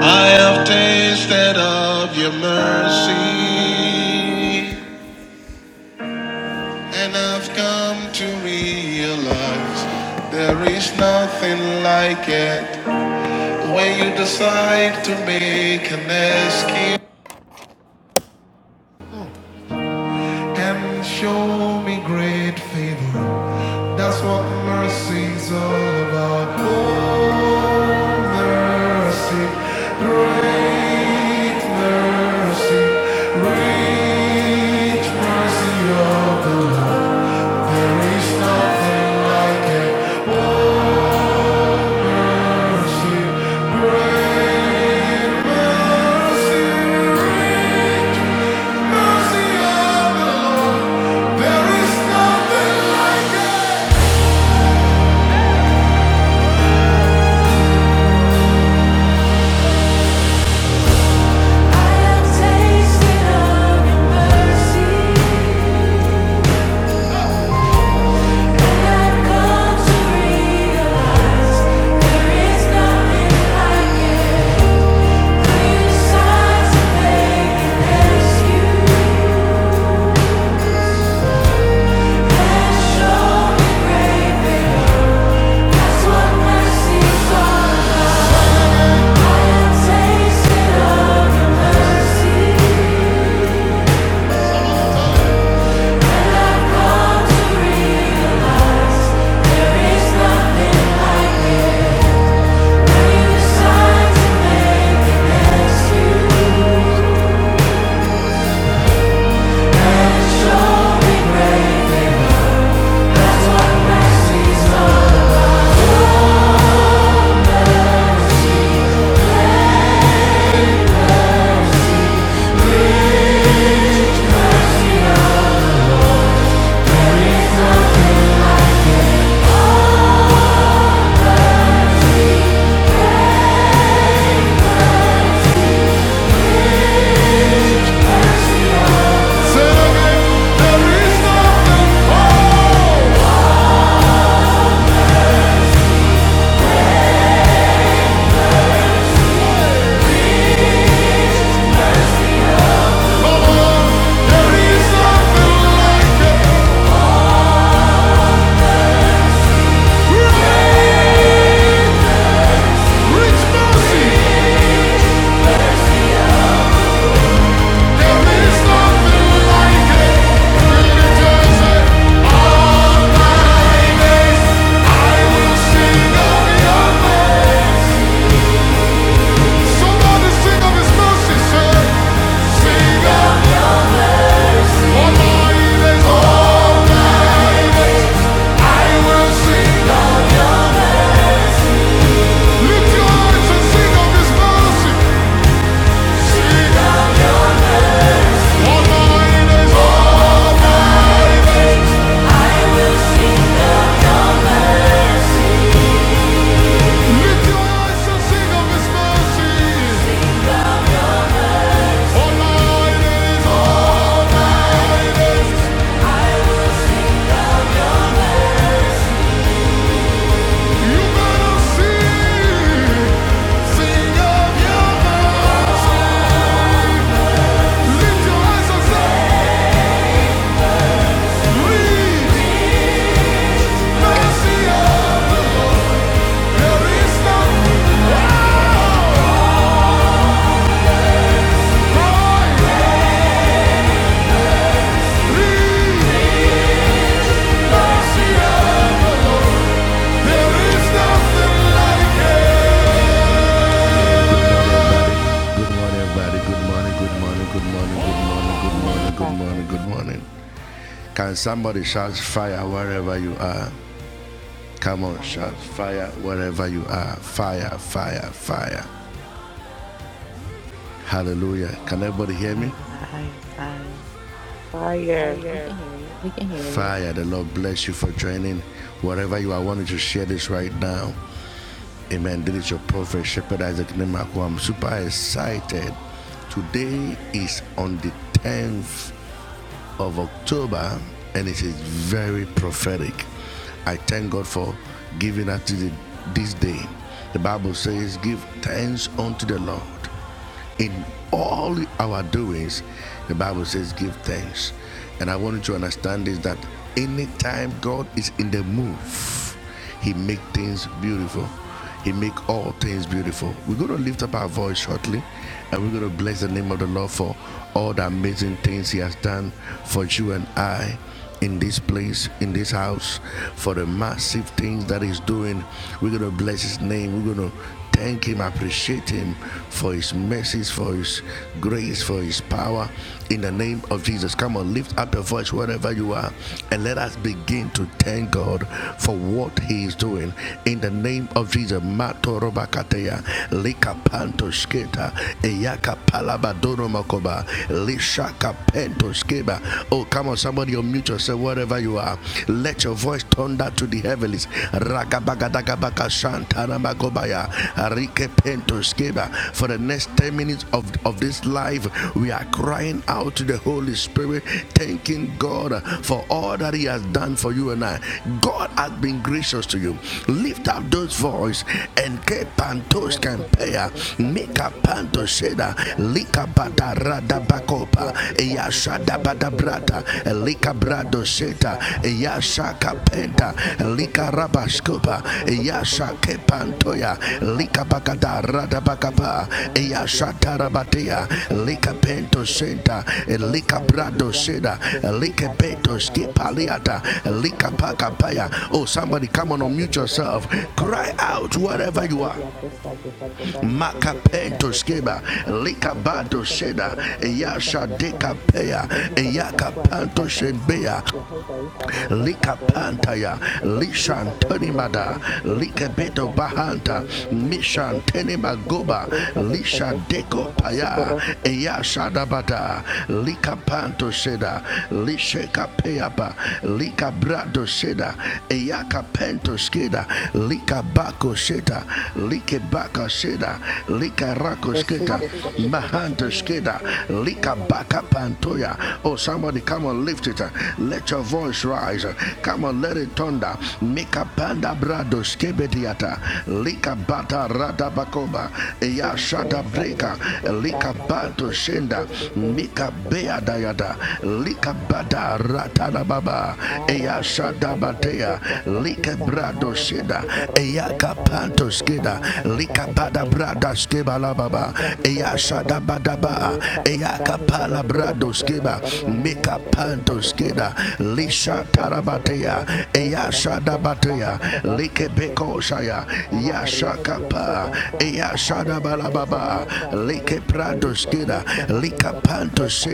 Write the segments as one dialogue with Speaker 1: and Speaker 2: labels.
Speaker 1: I have tasted of your mercy, and I've come to realize there is nothing like it when you decide to make an escape. and show me great favor. That's what mercy's all about. Oh, mercy, great mercy, rich mercy of the Lord. There is nothing like it. Thank you There is nothing, there is nothing like a mercy. Sing of his mercy, all night is all. There is nothing like it.
Speaker 2: Good morning, Prophet.
Speaker 3: Fire, fire, fire.
Speaker 4: Fire.
Speaker 2: We can hear you. Dios te ofrece la respuesta porque tú haces aquí a nuestros habituales a montarse de corroca lo corroca que había más de tus vacas. De tu asa de coco coco coco coco coco coco coco payona herriontas pacusta. De tu trajes de Dios tocua. Bretisha mi abel pasto curón. Esta es de cutuán. De tu hasema a reita y a tus The dokoro of de ver con Varga el viato sa gurga cotan que que quizá en dokoro a trajizo dokoro sorpresa de ver con Brehus of the sa de terco a kutakaisa yo hoy de upa ni pesa toaisa de prisa dokoro harri presa de ver The coco cual me muy chendecha de presa del pretexto pecheta su corro y pe de su de ser tu pecho Rosa de Ashicos Praza, Casuco, Pesete, Pacho, Ar y Presa de Berco, Cuacaquista, Mujer del Castuco, Roji, Presa de Berco, Camaca, Cocapecapeita, Atrajizo de Corrón, Arrieta, Esprajizo de Curro, y Presa, Parione, Muche, Deca de Corrón, El Trajizo de Corrón, y Presa de Berco, Baja, Sobar, Pushpequi, Nama Erieje, Diosa, Berco, Bajar y Presa de Berco, Acoco, y Poli, Pecus, Poma, y Bercocheta.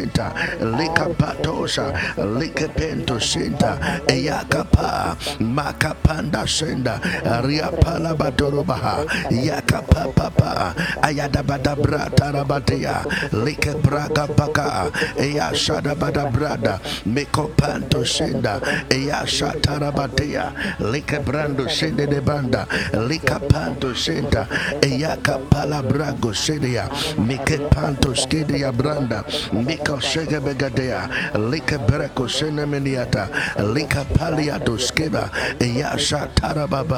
Speaker 2: Ar hisecho te aso tokuapekista, barhaba yo dos pekista, eha mahambra hiso dokoroshi presta de veku kokoko patakista, yehu dosto koko koko koko koko koko koko koko koko koko koko sopa shebeka, de presa dokoro, arriehi dasta guesta, de presa do presa diaposta diaventa, sukorohi preto perquaista Amama Arieta Expressa do Corro e Prensa da Verqua Coco Coco Comema Mahal Betodesta Porque saiu de Chuprat da Vieto Contraí Pequeita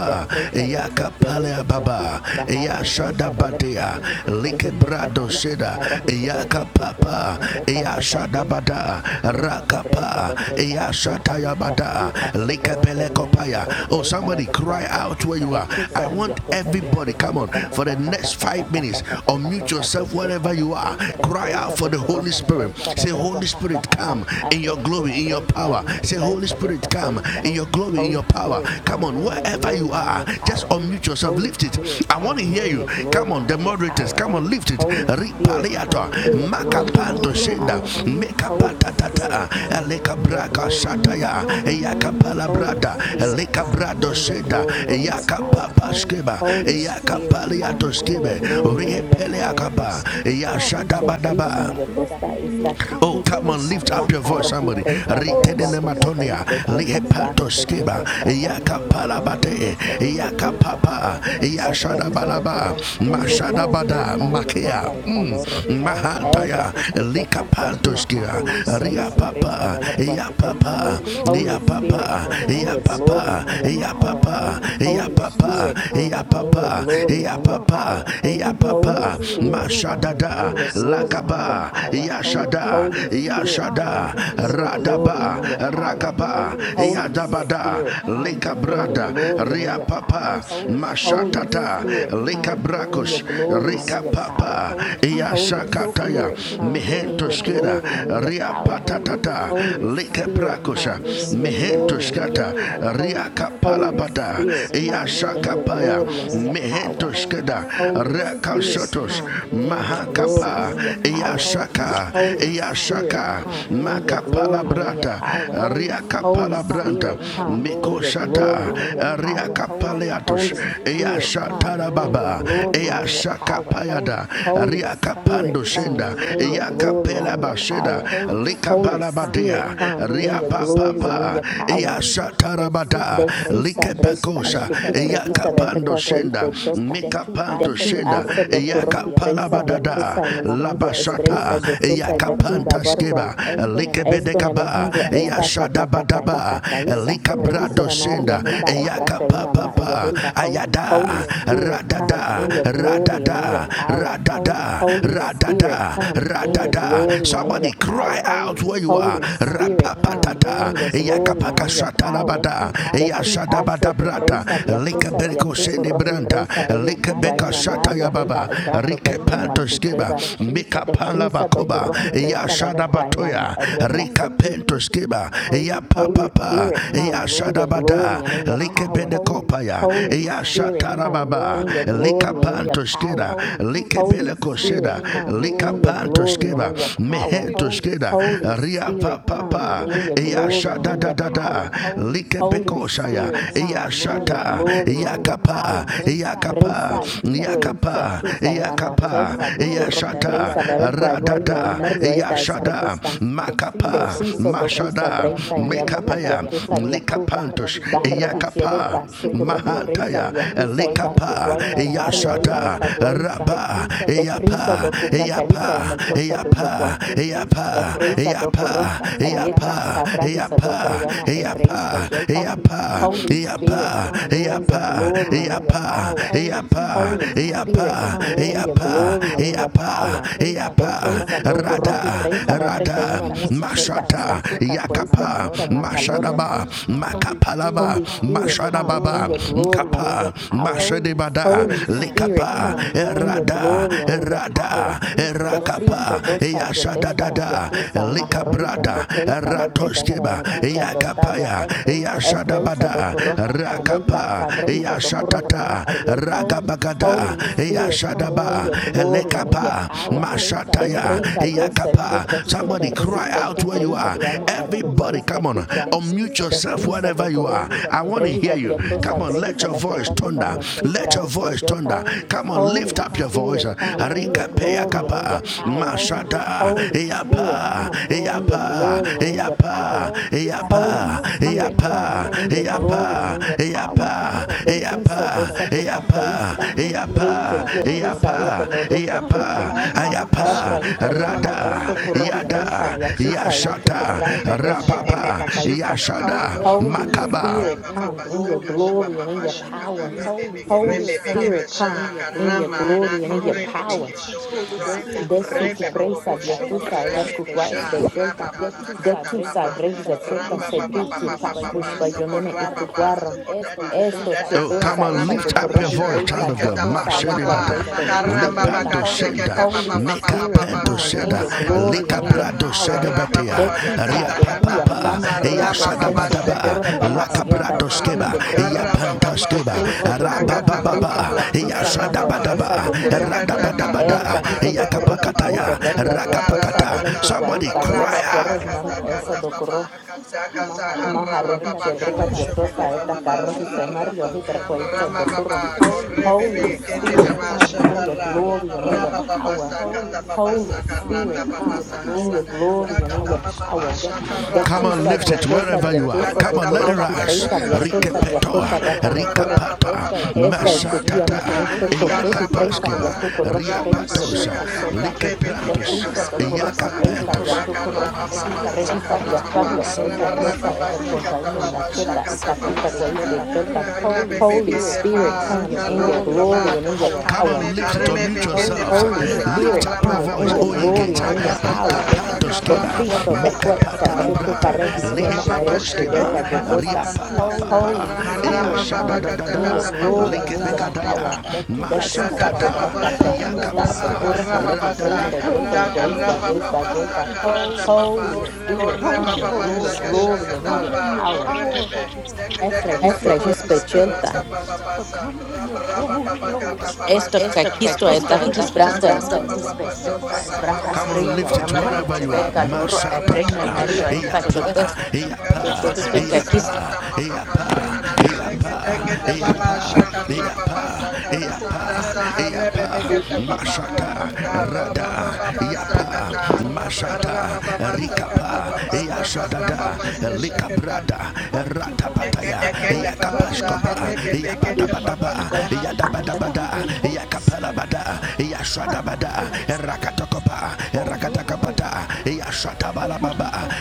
Speaker 2: de Prensa do Sentiaveto Saki Bahar e Prensa da Verqua Guerreiro Saki Arrahi Chuberca Chuchona Egota Sakaki Ama Hoshobrensa do Prensa Shelta Saki a Socorro que Viama Arrohi Prensa da Verqua Yatusa and Yatosa Diakuka Kuka Kaka Kaka Kaka Kaka Kaka Katosa Tekuka. The presa do corrohi presa de berqua. Baha arotso presa vitu presa de paquaisa. Holy Spirit, come in your glory and in your power. Holy Spirit, come in your glory and in your power. Holy Spirit, come in your
Speaker 5: Spirit, come
Speaker 2: glory and
Speaker 5: in your
Speaker 2: in your
Speaker 5: glory
Speaker 2: power.
Speaker 5: and in your power,
Speaker 2: Holy
Speaker 5: Holy
Speaker 2: Spirit,
Speaker 5: Spirit.
Speaker 2: come in your glory and
Speaker 5: In
Speaker 2: in
Speaker 5: your
Speaker 2: your
Speaker 5: glory
Speaker 2: power.
Speaker 5: and in your
Speaker 2: Holy
Speaker 5: power, Holy
Speaker 2: Spirit,
Speaker 5: Spirit,
Speaker 2: come
Speaker 5: come.
Speaker 2: in your glory and
Speaker 5: Holy
Speaker 2: in your
Speaker 5: Spirit,
Speaker 2: power.
Speaker 5: come. Holy
Speaker 2: Holy
Speaker 5: Spirit,
Speaker 2: Spirit,
Speaker 5: come in
Speaker 2: come
Speaker 5: your
Speaker 2: in your
Speaker 5: glory and in
Speaker 2: glory and
Speaker 5: your
Speaker 2: in your
Speaker 5: power,
Speaker 2: power.
Speaker 5: Holy Spirit, come.
Speaker 2: De
Speaker 5: In
Speaker 2: frisa en
Speaker 5: your
Speaker 2: yo tosta
Speaker 5: glory and your
Speaker 2: ista
Speaker 5: power,
Speaker 2: kiki,
Speaker 5: Holy Spirit,
Speaker 2: ma
Speaker 5: come.
Speaker 2: arroji presta de ver
Speaker 5: Holy
Speaker 2: cuaco
Speaker 5: Spirit,
Speaker 2: cacaís,
Speaker 5: come in the
Speaker 2: pechotas
Speaker 5: name of
Speaker 2: frajes, pechotas
Speaker 5: Jesus. Holy
Speaker 2: fracaíno,
Speaker 5: Spirit,
Speaker 2: mario e
Speaker 5: come in your
Speaker 2: platos que
Speaker 5: glory
Speaker 2: rique
Speaker 5: and your
Speaker 2: cuesta.
Speaker 5: power. Holy
Speaker 2: E
Speaker 5: Spirit,
Speaker 2: prejizo do
Speaker 5: come
Speaker 2: corro,
Speaker 5: in your
Speaker 2: rieta
Speaker 5: glory and in
Speaker 2: expresta en
Speaker 5: your
Speaker 2: yo tosta
Speaker 5: power.
Speaker 2: e
Speaker 5: Holy
Speaker 2: calorro.
Speaker 5: Spirit, come.
Speaker 2: Ebrahis Pechota, Zaki,
Speaker 5: Come,
Speaker 2: Ma'ama,
Speaker 5: Holy
Speaker 2: Arohis,
Speaker 5: Spirit,
Speaker 2: Ibresa,
Speaker 5: Come in
Speaker 2: Davarquatukaisa.
Speaker 5: your glory
Speaker 2: Holy
Speaker 5: and in your
Speaker 2: Spirit, come
Speaker 5: power,
Speaker 2: in
Speaker 5: Holy
Speaker 2: your
Speaker 5: Spirit.
Speaker 2: glory and in your
Speaker 5: Come right
Speaker 2: power.
Speaker 5: now in the name of
Speaker 2: Holy Spirit,
Speaker 5: Jesus, Lord
Speaker 2: come
Speaker 5: God,
Speaker 2: in your
Speaker 5: Holy
Speaker 2: glory
Speaker 5: Spirit,
Speaker 2: and in your
Speaker 5: come.
Speaker 2: power.
Speaker 5: In your
Speaker 2: Holy
Speaker 5: glory and in
Speaker 2: Spirit,
Speaker 5: your
Speaker 2: come
Speaker 5: power,
Speaker 2: in
Speaker 5: Holy
Speaker 2: your glory
Speaker 5: Spirit,
Speaker 2: and in your
Speaker 5: come.
Speaker 2: power.
Speaker 5: In your
Speaker 2: Holy
Speaker 5: glory and your
Speaker 2: Spirit,
Speaker 5: power,
Speaker 2: come
Speaker 5: Holy
Speaker 2: in your
Speaker 5: Spirit, have
Speaker 2: glory and in
Speaker 5: your
Speaker 2: your
Speaker 5: way on
Speaker 2: power.
Speaker 5: today, Holy
Speaker 2: Holy
Speaker 5: Spirit.
Speaker 2: Spirit,
Speaker 5: Have
Speaker 2: come
Speaker 5: your way,
Speaker 2: in your
Speaker 5: O Lord.
Speaker 2: glory and in your power.
Speaker 5: Holy Spirit, come
Speaker 2: Holy
Speaker 5: in your
Speaker 2: Spirit,
Speaker 5: glory and
Speaker 2: come
Speaker 5: in your
Speaker 2: in your
Speaker 5: power,
Speaker 2: glory
Speaker 5: Holy
Speaker 2: and in your
Speaker 5: Spirit.
Speaker 2: power.
Speaker 5: Come
Speaker 2: Holy
Speaker 5: in your
Speaker 2: Spirit,
Speaker 5: glory and in
Speaker 2: come
Speaker 5: your
Speaker 2: in your
Speaker 5: power, Holy
Speaker 2: glory and in
Speaker 5: Spirit.
Speaker 2: your
Speaker 5: Come in
Speaker 2: power.
Speaker 5: your glory and your
Speaker 2: Holy
Speaker 5: power.
Speaker 2: Spirit, come
Speaker 5: Holy
Speaker 2: in your
Speaker 5: Spirit, have
Speaker 2: glory and in
Speaker 5: your
Speaker 2: your
Speaker 5: way.
Speaker 2: power.
Speaker 5: Have your
Speaker 2: Holy
Speaker 5: way, Holy
Speaker 2: Spirit,
Speaker 5: Spirit.
Speaker 2: come
Speaker 5: Have
Speaker 2: in your
Speaker 5: your way, Holy
Speaker 2: glory and in your
Speaker 5: Spirit.
Speaker 2: power.
Speaker 5: Have
Speaker 2: Holy
Speaker 5: your way, Holy
Speaker 2: Spirit,
Speaker 5: Spirit.
Speaker 2: come in your
Speaker 5: Holy
Speaker 2: glory and
Speaker 5: Spirit,
Speaker 2: in your
Speaker 5: amen.
Speaker 2: power.
Speaker 5: Holy Spirit,
Speaker 2: Holy
Speaker 5: have
Speaker 2: Spirit, come
Speaker 5: your way,
Speaker 2: in your
Speaker 5: Holy Spirit.
Speaker 2: glory and in your power.
Speaker 5: Have your way, Holy
Speaker 2: Holy
Speaker 5: Spirit.
Speaker 2: Spirit,
Speaker 5: Come
Speaker 2: come in your
Speaker 5: in your
Speaker 2: glory and in
Speaker 5: glory
Speaker 2: your
Speaker 5: and in your
Speaker 2: power.
Speaker 5: power, Holy
Speaker 2: Holy
Speaker 5: Spirit.
Speaker 2: Spirit,
Speaker 5: Come in your
Speaker 2: come in your
Speaker 5: glory and in
Speaker 2: glory
Speaker 5: your
Speaker 2: and in your power.
Speaker 5: spirit.
Speaker 2: Holy Spirit,
Speaker 5: Holy
Speaker 2: come
Speaker 5: Spirit,
Speaker 2: in your
Speaker 5: come in your
Speaker 2: glory and in your
Speaker 5: glory and in your
Speaker 2: power.
Speaker 5: power, Holy
Speaker 2: Holy
Speaker 5: Spirit.
Speaker 2: Spirit, come in your
Speaker 5: Holy
Speaker 2: glory
Speaker 5: Spirit,
Speaker 2: and in your
Speaker 5: have your
Speaker 2: power.
Speaker 5: way, Holy Spirit.
Speaker 2: De susa
Speaker 5: Holy
Speaker 2: bresta
Speaker 5: Spirit,
Speaker 2: ashutu
Speaker 5: have your
Speaker 2: prehisa
Speaker 5: way.
Speaker 2: de vrekla kwais de
Speaker 5: Holy
Speaker 2: chota.
Speaker 5: Spirit, come
Speaker 2: De
Speaker 5: in
Speaker 2: tu
Speaker 5: your glory
Speaker 2: aso do
Speaker 5: and in
Speaker 2: korohi
Speaker 5: your
Speaker 2: presa
Speaker 5: power, Holy
Speaker 2: biatusa
Speaker 5: Spirit.
Speaker 2: inumahando es
Speaker 5: Holy
Speaker 2: bresa
Speaker 5: Spirit,
Speaker 2: diotusa
Speaker 5: come in
Speaker 2: ibekiba
Speaker 5: your
Speaker 2: borgwa.
Speaker 5: glory and in your power.
Speaker 2: Esto ne mehindo
Speaker 5: Holy
Speaker 2: esta
Speaker 5: Spirit, in
Speaker 2: kakakakakakaisa.
Speaker 5: your
Speaker 2: Brehiso no
Speaker 5: glory and
Speaker 2: Mario
Speaker 5: in your
Speaker 2: Hilda es
Speaker 5: power.
Speaker 2: braca ima Mario Hilda.
Speaker 5: Holy
Speaker 2: Holy
Speaker 5: Spirit,
Speaker 2: Spirit,
Speaker 5: come
Speaker 2: come
Speaker 5: in
Speaker 2: in your
Speaker 5: your
Speaker 2: glory and
Speaker 5: and
Speaker 2: in
Speaker 5: in
Speaker 2: your
Speaker 5: your
Speaker 2: power.
Speaker 5: power.
Speaker 2: Holy
Speaker 5: Come,
Speaker 2: Spirit, come in your
Speaker 5: Holy
Speaker 2: glory and
Speaker 5: Spirit,
Speaker 2: in your
Speaker 5: come and
Speaker 2: power.
Speaker 5: have your way, Holy
Speaker 2: Holy
Speaker 5: Spirit.
Speaker 2: Spirit, come in
Speaker 5: Holy
Speaker 2: your
Speaker 5: Spirit,
Speaker 2: glory and in
Speaker 5: come
Speaker 2: your
Speaker 5: right
Speaker 2: power.
Speaker 5: now. Holy
Speaker 2: De tu aso tu
Speaker 5: Come in
Speaker 2: presa
Speaker 5: your
Speaker 2: dia tusa
Speaker 5: power,
Speaker 2: dia
Speaker 5: Holy
Speaker 2: tu
Speaker 5: Spirit.
Speaker 2: corrohi presa deve tu
Speaker 5: Come in your
Speaker 2: quaina
Speaker 5: glory,
Speaker 2: mario
Speaker 5: Holy
Speaker 2: helda
Speaker 5: Spirit.
Speaker 2: esbrato caime
Speaker 5: Come right now,
Speaker 2: marcucheva
Speaker 5: Holy Spirit.
Speaker 2: de frisa do
Speaker 5: Come,
Speaker 2: corrohi
Speaker 5: Holy Spirit.
Speaker 2: presa deve quaina eriota
Speaker 5: Have your
Speaker 2: sequi.
Speaker 5: way, Holy Spirit.
Speaker 2: Holy
Speaker 5: Holy
Speaker 2: Spirit,
Speaker 5: Spirit,
Speaker 2: come in your glory and in your
Speaker 5: come in your
Speaker 2: power.
Speaker 5: glory, come in your
Speaker 2: Holy Spirit,
Speaker 5: Holy Spirit,
Speaker 2: come in
Speaker 5: come
Speaker 2: your
Speaker 5: in your
Speaker 2: glory and in
Speaker 5: glory.
Speaker 2: your power.
Speaker 5: Holy
Speaker 2: Holy
Speaker 5: Spirit, come in
Speaker 2: Spirit,
Speaker 5: your
Speaker 2: come
Speaker 5: power.
Speaker 2: in your
Speaker 5: Holy
Speaker 2: glory
Speaker 5: Spirit,
Speaker 2: and in your
Speaker 5: have your
Speaker 2: power.
Speaker 5: way, Holy.
Speaker 2: Holy Spirit,
Speaker 5: Oh,
Speaker 2: come
Speaker 5: Holy
Speaker 2: in your
Speaker 5: Spirit,
Speaker 2: glory
Speaker 5: have
Speaker 2: and in
Speaker 5: your
Speaker 2: your
Speaker 5: way, Holy.
Speaker 2: power. Holy Spirit,
Speaker 5: Holy
Speaker 2: come in
Speaker 5: Spirit,
Speaker 2: your
Speaker 5: have your
Speaker 2: glory and
Speaker 5: way,
Speaker 2: in your
Speaker 5: Holy
Speaker 2: power.
Speaker 5: Spirit. Holy
Speaker 2: Bresa
Speaker 5: Spirit,
Speaker 2: chusoi sa
Speaker 5: come
Speaker 2: tusa
Speaker 5: in your
Speaker 2: imanotesa
Speaker 5: glory,
Speaker 2: dokuro
Speaker 5: in your
Speaker 2: presa de ver
Speaker 5: power,
Speaker 2: qual guai
Speaker 5: Holy.
Speaker 2: mamorio es da sprekistam de
Speaker 5: Holy
Speaker 2: friso
Speaker 5: Spirit, come
Speaker 2: doku sa bresa y
Speaker 5: in your
Speaker 2: niamu
Speaker 5: glory, in
Speaker 2: hadiatusa
Speaker 5: your power,
Speaker 2: diaku
Speaker 5: Holy Spirit,
Speaker 2: barro hi
Speaker 5: come.
Speaker 2: chebe
Speaker 5: In
Speaker 2: basuku
Speaker 5: your
Speaker 2: rohi
Speaker 5: glory
Speaker 2: presa
Speaker 5: and in your
Speaker 2: diatusa y
Speaker 5: power,
Speaker 2: barku
Speaker 5: Holy
Speaker 2: guai
Speaker 5: Spirit, have
Speaker 2: Mario el
Speaker 5: your way, Holy
Speaker 2: da de
Speaker 5: Spirit. Have
Speaker 2: friso do
Speaker 5: your
Speaker 2: cuca
Speaker 5: way, Holy
Speaker 2: carisa e
Speaker 5: Spirit.
Speaker 2: mentosa do
Speaker 5: Have your way,
Speaker 2: cocoaqui,
Speaker 5: Holy
Speaker 2: de
Speaker 5: Spirit.
Speaker 2: freisa do corro,
Speaker 5: Have your way,
Speaker 2: rieta,
Speaker 5: Holy Spirit.
Speaker 2: sabrahisa do
Speaker 5: Have
Speaker 2: perioma e
Speaker 5: your way,
Speaker 2: preisca
Speaker 5: Holy
Speaker 2: gelta.
Speaker 5: Spirit. In the name
Speaker 2: Holy
Speaker 5: of
Speaker 2: Spirit,
Speaker 5: Jesus,
Speaker 2: come
Speaker 5: Holy
Speaker 2: in your
Speaker 5: Spirit,
Speaker 2: glory and
Speaker 5: come.
Speaker 2: in your power.
Speaker 5: Come in your
Speaker 2: Holy
Speaker 5: glory
Speaker 2: Spirit,
Speaker 5: and in
Speaker 2: come in your
Speaker 5: your power, Holy
Speaker 2: glory and in
Speaker 5: Spirit.
Speaker 2: your power. De freisa do
Speaker 5: Holy
Speaker 2: corro y
Speaker 5: Spirit,
Speaker 2: preisa
Speaker 5: come.
Speaker 2: da breca ima
Speaker 5: Holy
Speaker 2: mu y
Speaker 5: Spirit,
Speaker 2: shelta
Speaker 5: come.
Speaker 2: esta cuca cuespe
Speaker 5: In your
Speaker 2: cucha
Speaker 5: glory and
Speaker 2: macalorro.
Speaker 5: in your power, Holy Spirit.
Speaker 2: Holy Spirit, come
Speaker 5: Have
Speaker 2: in
Speaker 5: your
Speaker 2: your
Speaker 5: way,
Speaker 2: glory and
Speaker 5: Holy
Speaker 2: in your
Speaker 5: Spirit.
Speaker 2: power.
Speaker 5: Oh,
Speaker 2: Holy
Speaker 5: glory.
Speaker 2: Spirit,
Speaker 5: Hallelujah.
Speaker 2: come in your
Speaker 5: Thank you,
Speaker 2: glory and
Speaker 5: Holy
Speaker 2: in your
Speaker 5: Spirit.
Speaker 2: power. De
Speaker 5: Thank
Speaker 2: friso
Speaker 5: you, Holy
Speaker 2: dosa yo
Speaker 5: Spirit.
Speaker 2: desta yetusa e
Speaker 5: Love you, God.
Speaker 2: maharojisa yo preisa de
Speaker 5: Thank you,
Speaker 2: pregaña
Speaker 5: Holy
Speaker 2: mu
Speaker 5: Spirit.
Speaker 2: ichal dostagua
Speaker 5: Holy
Speaker 2: e
Speaker 5: Spirit,
Speaker 2: preisa
Speaker 5: come.
Speaker 2: do curro
Speaker 5: Holy
Speaker 2: arielta
Speaker 5: Spirit,
Speaker 2: sabrejisa do
Speaker 5: come.
Speaker 2: curro hanana arielta.
Speaker 5: Come in your
Speaker 2: Holy
Speaker 5: glory, Holy
Speaker 2: Spirit,
Speaker 5: Spirit.
Speaker 2: come in your
Speaker 5: Come
Speaker 2: glory and in
Speaker 5: in
Speaker 2: your
Speaker 5: your power,
Speaker 2: power.
Speaker 5: Holy
Speaker 2: De
Speaker 5: Spirit.
Speaker 2: freisa
Speaker 5: Come.
Speaker 2: dosa tu tosita
Speaker 5: Holy
Speaker 2: rojise
Speaker 5: Spirit,
Speaker 2: tu
Speaker 5: come
Speaker 2: preisa
Speaker 5: in your
Speaker 2: diamo er tu
Speaker 5: power.
Speaker 2: guaisa cutra.
Speaker 5: Holy Spirit,
Speaker 2: De
Speaker 5: come in
Speaker 2: friso do
Speaker 5: your
Speaker 2: curro.
Speaker 5: glory.
Speaker 2: Brejisa diotosa
Speaker 5: Holy
Speaker 2: brejisa da
Speaker 5: Spirit,
Speaker 2: preca
Speaker 5: come in
Speaker 2: cuca
Speaker 5: your
Speaker 2: mequis
Speaker 5: power,
Speaker 2: brajis
Speaker 5: Holy Spirit.
Speaker 2: bellota.
Speaker 5: Come,
Speaker 2: Holy
Speaker 5: Holy
Speaker 2: Spirit,
Speaker 5: Spirit, in
Speaker 2: come
Speaker 5: your
Speaker 2: in your
Speaker 5: glory,
Speaker 6: Fire,
Speaker 2: glory
Speaker 5: Holy
Speaker 2: and in your
Speaker 5: Spirit.
Speaker 2: power.
Speaker 5: Come.
Speaker 2: Holy
Speaker 5: Holy
Speaker 2: Spirit, come
Speaker 5: Spirit, come
Speaker 2: in your
Speaker 5: right
Speaker 2: glory and
Speaker 5: now.
Speaker 2: in your power.
Speaker 5: In
Speaker 2: Holy
Speaker 5: your power,
Speaker 2: Spirit, come
Speaker 5: Holy
Speaker 2: in your
Speaker 5: Spirit, come.
Speaker 2: glory and in your
Speaker 5: In your
Speaker 2: power. De
Speaker 5: glory, Holy
Speaker 2: friso dosa
Speaker 5: Spirit,
Speaker 2: do
Speaker 5: come.
Speaker 2: kakaistam,
Speaker 5: Holy
Speaker 2: brecho
Speaker 5: Spirit,
Speaker 2: tio
Speaker 5: come.
Speaker 2: tusa e pelo roca
Speaker 5: Come right
Speaker 2: chocha.
Speaker 5: now,
Speaker 7: Baba
Speaker 5: Holy
Speaker 2: Efra
Speaker 5: Spirit.
Speaker 2: hi
Speaker 7: Shekata
Speaker 5: Have
Speaker 2: periono
Speaker 7: baba
Speaker 5: your
Speaker 2: ma
Speaker 5: way,
Speaker 2: esto
Speaker 5: Holy
Speaker 2: curro hi
Speaker 7: Arababa
Speaker 5: Spirit.
Speaker 2: presta dia tusa
Speaker 7: Sekadaba,
Speaker 2: e vitu
Speaker 5: Have your
Speaker 2: kafrantia
Speaker 5: way,
Speaker 7: Baremebeke
Speaker 2: dosa
Speaker 5: Holy Spirit.
Speaker 2: kakakaista.
Speaker 7: Shekata baba,
Speaker 5: Have
Speaker 7: baba
Speaker 5: your
Speaker 2: Holy
Speaker 5: way,
Speaker 2: Spirit,
Speaker 5: Holy Spirit.
Speaker 2: come
Speaker 7: Rababa
Speaker 2: in your
Speaker 7: Sakata
Speaker 2: glory
Speaker 5: Have
Speaker 2: and
Speaker 7: baba,
Speaker 2: in
Speaker 5: your
Speaker 2: your
Speaker 5: way,
Speaker 2: power.
Speaker 5: Holy
Speaker 7: Rabba
Speaker 5: Spirit.
Speaker 2: Holy
Speaker 7: Rembe
Speaker 2: Spirit,
Speaker 7: bekete
Speaker 5: Amen.
Speaker 2: come
Speaker 7: sha
Speaker 2: in your
Speaker 7: karamba na
Speaker 2: glory
Speaker 5: In
Speaker 2: and
Speaker 5: the
Speaker 2: in your
Speaker 5: name of
Speaker 7: korebe
Speaker 2: power.
Speaker 7: beke
Speaker 5: Jesus,
Speaker 7: shoda
Speaker 5: Holy
Speaker 7: ra
Speaker 5: Spirit,
Speaker 2: De
Speaker 5: come.
Speaker 2: tu
Speaker 7: rebe bobo
Speaker 2: presa
Speaker 7: bo shoko
Speaker 5: Holy
Speaker 2: dietusa ever
Speaker 5: Spirit,
Speaker 7: rembe
Speaker 2: kukwais bejolta.
Speaker 7: raba
Speaker 5: come.
Speaker 7: basa
Speaker 5: Jesus.
Speaker 2: De
Speaker 7: kata
Speaker 2: tu
Speaker 5: Holy
Speaker 7: papa
Speaker 5: Spirit, come
Speaker 2: tiota
Speaker 7: ramba
Speaker 5: in the
Speaker 7: papa
Speaker 5: mighty
Speaker 2: sebritio
Speaker 7: papa papa
Speaker 5: name of
Speaker 2: pashbush
Speaker 7: pa soko
Speaker 5: Jesus.
Speaker 2: bajoneme
Speaker 7: raba
Speaker 5: Have your
Speaker 7: pa
Speaker 2: ituguarro.
Speaker 5: way,
Speaker 7: soko tapa
Speaker 5: Spirit.
Speaker 2: Esto
Speaker 7: data sa
Speaker 2: tietosa esa
Speaker 5: Have
Speaker 7: ramba
Speaker 5: your
Speaker 7: baka
Speaker 2: dokorohi
Speaker 5: way,
Speaker 7: sha
Speaker 5: Holy
Speaker 2: presa
Speaker 5: Spirit.
Speaker 7: rika tapa
Speaker 2: dietusa ever
Speaker 7: papa pa
Speaker 5: Holy
Speaker 2: kukwais
Speaker 5: Spirit,
Speaker 2: begus
Speaker 5: come
Speaker 7: karamba
Speaker 5: in your
Speaker 2: bejolta.
Speaker 7: baka
Speaker 5: power.
Speaker 7: seketa
Speaker 2: Holy
Speaker 7: papa papa papa
Speaker 2: Spirit, come in
Speaker 5: Holy
Speaker 7: sakata
Speaker 2: your
Speaker 7: papa
Speaker 5: Spirit,
Speaker 2: glory and
Speaker 5: come
Speaker 2: in
Speaker 7: sakata
Speaker 2: your
Speaker 5: in your
Speaker 2: power.
Speaker 5: glory.
Speaker 7: karamba
Speaker 2: De
Speaker 5: Holy
Speaker 7: papa
Speaker 5: Spirit,
Speaker 7: kata
Speaker 2: tisa
Speaker 7: ta kata
Speaker 2: dokuya
Speaker 5: Holy
Speaker 2: sama
Speaker 5: Spirit,
Speaker 2: harioto
Speaker 7: karamba
Speaker 5: come.
Speaker 7: papa
Speaker 2: seso dokoro
Speaker 7: seketa
Speaker 5: Holy
Speaker 2: himema
Speaker 7: papa papa
Speaker 2: ariota
Speaker 5: Spirit,
Speaker 7: papa
Speaker 2: siki
Speaker 5: come.
Speaker 2: de preta
Speaker 7: karamba papa
Speaker 2: de
Speaker 5: Holy Spirit,
Speaker 7: sa
Speaker 2: freso
Speaker 5: come in your
Speaker 2: dokoro hi
Speaker 7: Takata
Speaker 5: power.
Speaker 7: papa
Speaker 2: presa de
Speaker 7: papa,
Speaker 5: Holy
Speaker 2: atusa
Speaker 5: Spirit,
Speaker 7: rapapa,
Speaker 2: imanuetesa
Speaker 5: come in your
Speaker 2: dokoro
Speaker 7: kakata
Speaker 5: glory. Holy
Speaker 2: e
Speaker 7: karapapa,
Speaker 2: frahiso
Speaker 5: Spirit,
Speaker 2: dokoro
Speaker 7: zakata
Speaker 2: hi preve
Speaker 7: papa,
Speaker 5: Holy
Speaker 2: perio
Speaker 5: Spirit,
Speaker 7: rada
Speaker 5: come.
Speaker 2: adiatosa ever
Speaker 7: rakata,
Speaker 2: kukwai
Speaker 5: Holy
Speaker 2: pario da
Speaker 7: rapapa
Speaker 5: Spirit,
Speaker 2: kuaro
Speaker 7: kata
Speaker 2: himema
Speaker 5: come.
Speaker 2: eso
Speaker 7: takata
Speaker 2: dokoro
Speaker 7: papa,
Speaker 5: Holy Spirit,
Speaker 7: dakasa
Speaker 5: come.
Speaker 7: harapa
Speaker 2: maharohi
Speaker 7: papa kato
Speaker 2: chebreka
Speaker 5: Holy
Speaker 7: shokete
Speaker 2: tiotosa
Speaker 5: Spirit,
Speaker 2: eta
Speaker 7: papa
Speaker 5: come in the
Speaker 2: karro
Speaker 7: basa
Speaker 2: hi
Speaker 5: name of
Speaker 2: semario
Speaker 7: harapa,
Speaker 2: hi
Speaker 5: Jesus. Holy
Speaker 2: perkwaicho
Speaker 7: rama
Speaker 2: dokoro
Speaker 7: papa,
Speaker 5: Spirit, have
Speaker 2: Holy
Speaker 7: korebebe
Speaker 5: your
Speaker 7: kete
Speaker 5: way,
Speaker 2: Spirit,
Speaker 7: papa
Speaker 5: Holy
Speaker 2: come in
Speaker 5: Spirit.
Speaker 2: your
Speaker 7: shakara,
Speaker 2: glory and in your
Speaker 7: rapa
Speaker 5: Have
Speaker 7: papa
Speaker 5: your
Speaker 2: power.
Speaker 5: way,
Speaker 7: sakata
Speaker 5: Holy
Speaker 7: papa
Speaker 5: Spirit.
Speaker 2: Holy
Speaker 5: In the
Speaker 7: sakarata
Speaker 2: Spirit,
Speaker 5: name
Speaker 7: papa
Speaker 2: come
Speaker 5: of Jesus.
Speaker 2: in
Speaker 7: sahara,
Speaker 2: your glory and in
Speaker 7: dakata
Speaker 2: your
Speaker 7: papa
Speaker 2: power.
Speaker 7: shakara papa
Speaker 2: Detusa
Speaker 7: sakata.
Speaker 2: diotosa diatesa
Speaker 7: Shakata
Speaker 2: dokoro
Speaker 7: papa
Speaker 2: di
Speaker 7: pasa
Speaker 2: presa
Speaker 5: Holy
Speaker 2: diatosa
Speaker 7: karata
Speaker 5: Spirit, come
Speaker 7: papa.
Speaker 5: in
Speaker 2: diatoka
Speaker 5: your power.
Speaker 2: rakalokoro.
Speaker 7: Karapa papa papa
Speaker 2: Esta
Speaker 5: Holy
Speaker 7: papa
Speaker 5: Spirit,
Speaker 2: shutiama
Speaker 7: kataka.
Speaker 5: come in
Speaker 2: esto
Speaker 5: your glory. Holy
Speaker 2: correti
Speaker 7: Karapa
Speaker 5: Spirit,
Speaker 2: presa
Speaker 7: papa sa.
Speaker 5: come.
Speaker 2: diatoko rohi
Speaker 7: Rapa
Speaker 5: Holy
Speaker 2: preis
Speaker 7: pasha
Speaker 2: verio
Speaker 5: Spirit,
Speaker 7: kata.
Speaker 5: come.
Speaker 2: tosota.
Speaker 7: Parebe
Speaker 2: De
Speaker 7: tiketa
Speaker 5: Holy
Speaker 2: friso
Speaker 7: papa
Speaker 5: Spirit,
Speaker 2: dokoro di
Speaker 5: come
Speaker 7: pasa.
Speaker 5: in your
Speaker 2: presa
Speaker 5: power.
Speaker 7: Dakara
Speaker 5: Holy
Speaker 7: papa pasa
Speaker 5: Spirit,
Speaker 2: Brehisa
Speaker 7: karapa papa.
Speaker 5: Holy
Speaker 2: diapario,
Speaker 5: Spirit, have
Speaker 7: Karapa
Speaker 2: ediotosa
Speaker 5: your
Speaker 7: pasa
Speaker 5: way.
Speaker 7: kata
Speaker 2: everquacaime
Speaker 7: papa
Speaker 5: Holy
Speaker 2: mucheda,
Speaker 7: shakata
Speaker 5: Spirit,
Speaker 7: papa
Speaker 2: stacuca
Speaker 5: have
Speaker 2: quais
Speaker 7: saka.
Speaker 5: your way.
Speaker 2: bechota. Holy
Speaker 5: Holy
Speaker 7: Carapepekete
Speaker 5: Spirit,
Speaker 2: Spirit,
Speaker 7: pa,
Speaker 2: come
Speaker 5: have
Speaker 2: in your
Speaker 7: carro,
Speaker 5: your way.
Speaker 2: glory and
Speaker 7: babato,
Speaker 2: in your
Speaker 7: show,
Speaker 2: power.
Speaker 5: Oh, glory.
Speaker 7: carmepekete
Speaker 2: Holy
Speaker 7: papasa,
Speaker 5: Hallelujah.
Speaker 2: Spirit,
Speaker 7: harama
Speaker 2: come in your
Speaker 7: papasa,
Speaker 5: Thank you,
Speaker 2: glory and in
Speaker 5: wonderful
Speaker 2: your
Speaker 7: rakatata,
Speaker 2: power.
Speaker 5: Savior. Thank you,
Speaker 2: De
Speaker 7: sakara
Speaker 5: mighty
Speaker 2: friso
Speaker 7: papapa,
Speaker 2: do
Speaker 5: God.
Speaker 7: seketa
Speaker 2: quesa,
Speaker 5: Thank you,
Speaker 2: chutuca
Speaker 7: papapa,
Speaker 5: Holy Spirit.
Speaker 2: regisiamo
Speaker 7: rama
Speaker 2: eroche
Speaker 7: bashakete
Speaker 2: berca
Speaker 5: Thank you,
Speaker 7: papa
Speaker 5: Holy
Speaker 2: jotosa.
Speaker 7: papa
Speaker 5: Spirit.
Speaker 7: sakata,
Speaker 2: Holy
Speaker 5: Have
Speaker 7: karama
Speaker 2: Spirit,
Speaker 5: your
Speaker 7: papa
Speaker 5: way,
Speaker 2: come
Speaker 7: kata
Speaker 2: in
Speaker 5: Holy
Speaker 2: your
Speaker 7: kata
Speaker 5: Spirit.
Speaker 2: glory
Speaker 7: papa
Speaker 2: and in your
Speaker 7: sahara
Speaker 2: power.
Speaker 7: papa.
Speaker 2: De
Speaker 5: Holy Spirit,
Speaker 2: tusa do
Speaker 7: Kakata
Speaker 5: have
Speaker 7: papa
Speaker 5: your way,
Speaker 7: sakata
Speaker 5: Holy
Speaker 2: cacacaquista, do
Speaker 7: tasa
Speaker 5: Spirit.
Speaker 7: karra
Speaker 2: curja
Speaker 7: papa
Speaker 2: regi
Speaker 5: Oh,
Speaker 7: sa
Speaker 2: preste, yoto
Speaker 5: glory,
Speaker 2: quais
Speaker 7: dakarra
Speaker 2: begeis
Speaker 7: papa
Speaker 5: hallelujah. Thank
Speaker 7: pasa
Speaker 2: bajolta.
Speaker 5: you, Holy
Speaker 7: karata
Speaker 5: Spirit.
Speaker 7: papa
Speaker 2: Holy Spirit,
Speaker 7: korre
Speaker 5: Thank you,
Speaker 7: papa
Speaker 2: come in
Speaker 5: Holy
Speaker 7: pasa
Speaker 2: your
Speaker 5: Spirit, for
Speaker 2: glory and in
Speaker 7: kashakata
Speaker 2: your
Speaker 5: coming in
Speaker 7: pa
Speaker 5: your
Speaker 2: power.
Speaker 7: korre
Speaker 5: power,
Speaker 7: pepe
Speaker 5: Holy Spirit.
Speaker 7: Dekata
Speaker 5: Thank you,
Speaker 2: Efraín
Speaker 5: Holy
Speaker 7: babasa
Speaker 5: Spirit,
Speaker 7: karata
Speaker 2: Pechelta,
Speaker 5: for
Speaker 7: bababasa.
Speaker 5: coming in your glory, Holy
Speaker 7: Rabababakata
Speaker 5: Spirit.
Speaker 2: esto
Speaker 7: babasa
Speaker 2: que aquí estoy,
Speaker 5: Oh,
Speaker 7: karababa.
Speaker 2: está aquí
Speaker 5: glory
Speaker 2: esperando,
Speaker 5: to
Speaker 2: es
Speaker 7: Dakata
Speaker 5: your
Speaker 2: Efraín
Speaker 5: name,
Speaker 7: bababaso
Speaker 5: noble
Speaker 2: Pechelta, es
Speaker 7: kata
Speaker 5: Savior.
Speaker 2: Brajas
Speaker 7: babaso
Speaker 2: Freina,
Speaker 5: Oh,
Speaker 2: no me
Speaker 5: thank
Speaker 2: escuché,
Speaker 5: you,
Speaker 2: ve
Speaker 7: korabababa.
Speaker 5: mighty God.
Speaker 2: calor, Efraín
Speaker 7: Karabababa
Speaker 2: Memerio,
Speaker 5: Thank
Speaker 2: es
Speaker 7: shekata
Speaker 2: Pachelta,
Speaker 7: baba. Kata
Speaker 5: you,
Speaker 2: esto
Speaker 5: Holy
Speaker 2: que
Speaker 7: babasa
Speaker 2: aquí
Speaker 5: Spirit.
Speaker 7: karata bababasa
Speaker 5: In the name of
Speaker 7: karata.
Speaker 5: Jesus, Holy
Speaker 7: Dekete
Speaker 5: Spirit.
Speaker 7: babasha
Speaker 5: Have
Speaker 7: karababasa
Speaker 5: your
Speaker 7: ka.
Speaker 5: way, Holy Spirit.
Speaker 7: Dasaharebe
Speaker 5: Oh,
Speaker 7: bekata
Speaker 5: glory,
Speaker 7: baba.
Speaker 5: glory,
Speaker 7: Da
Speaker 5: glory.
Speaker 7: da rama
Speaker 5: Thank you. Holy
Speaker 7: babasa kata.
Speaker 5: Spirit. Thank
Speaker 7: Karabababasa
Speaker 5: you,
Speaker 7: kata
Speaker 5: wonderful Savior.
Speaker 7: babasa
Speaker 5: Thank you,
Speaker 7: karababasa
Speaker 5: mighty God.
Speaker 7: shekata.
Speaker 5: Thank you, Holy Spirit.
Speaker 7: Yakata
Speaker 5: Oh,
Speaker 7: papasa
Speaker 5: glory,
Speaker 7: harre
Speaker 5: glory,
Speaker 7: pepe kete
Speaker 5: glory. Hallelujah.
Speaker 7: papasa
Speaker 5: Thank you, Holy Spirit. Thank you, Holy Spirit. Oh, glory, glory, hallelujah.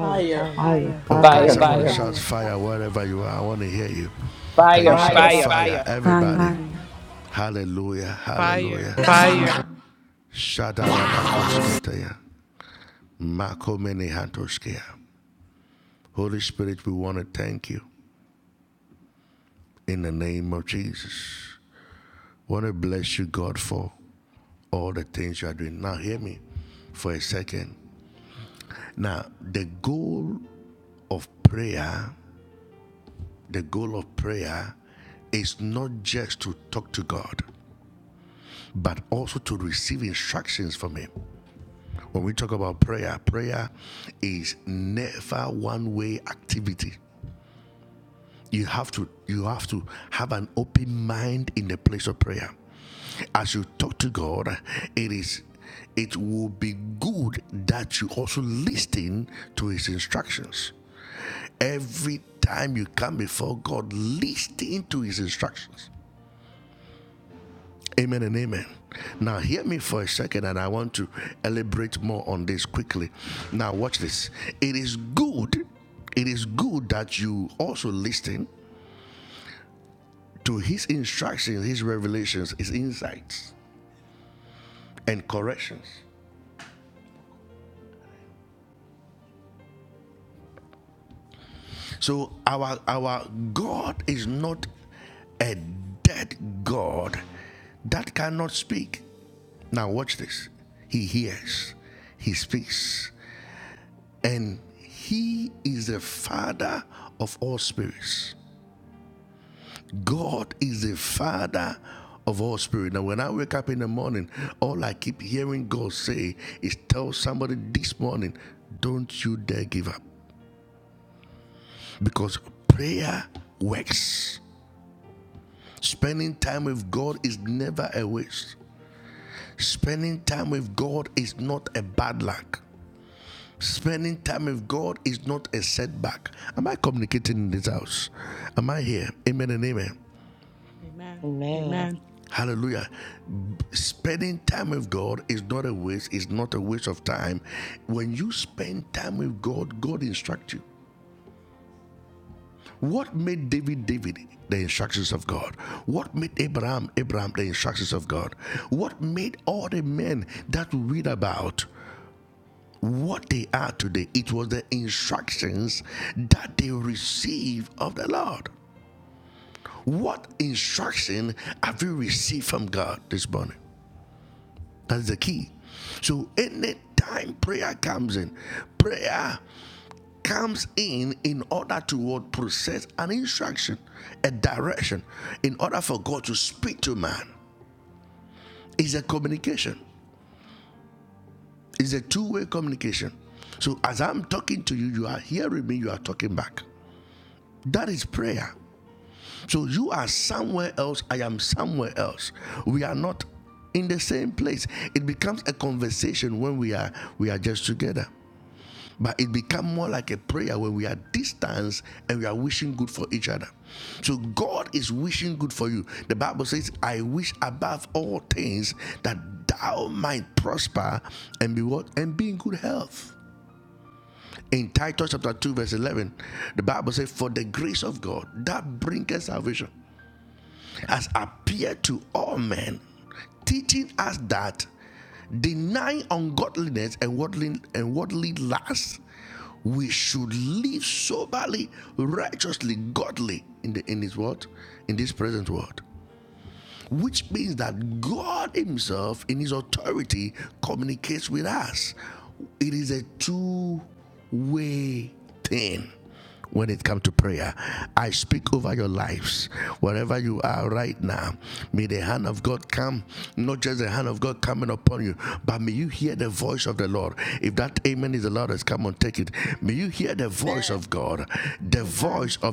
Speaker 5: Fire.
Speaker 3: Fire, fire,
Speaker 6: fire,
Speaker 8: Fire,
Speaker 3: fire.
Speaker 6: fire.
Speaker 8: fire, fire.
Speaker 6: Fire.
Speaker 5: Amen.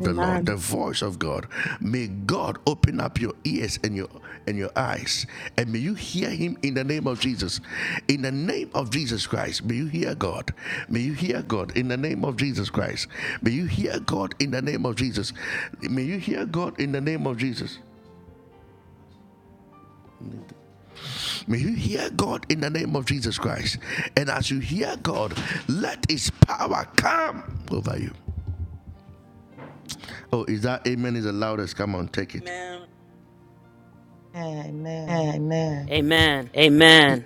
Speaker 5: Amen.
Speaker 3: Amen.
Speaker 8: Amen.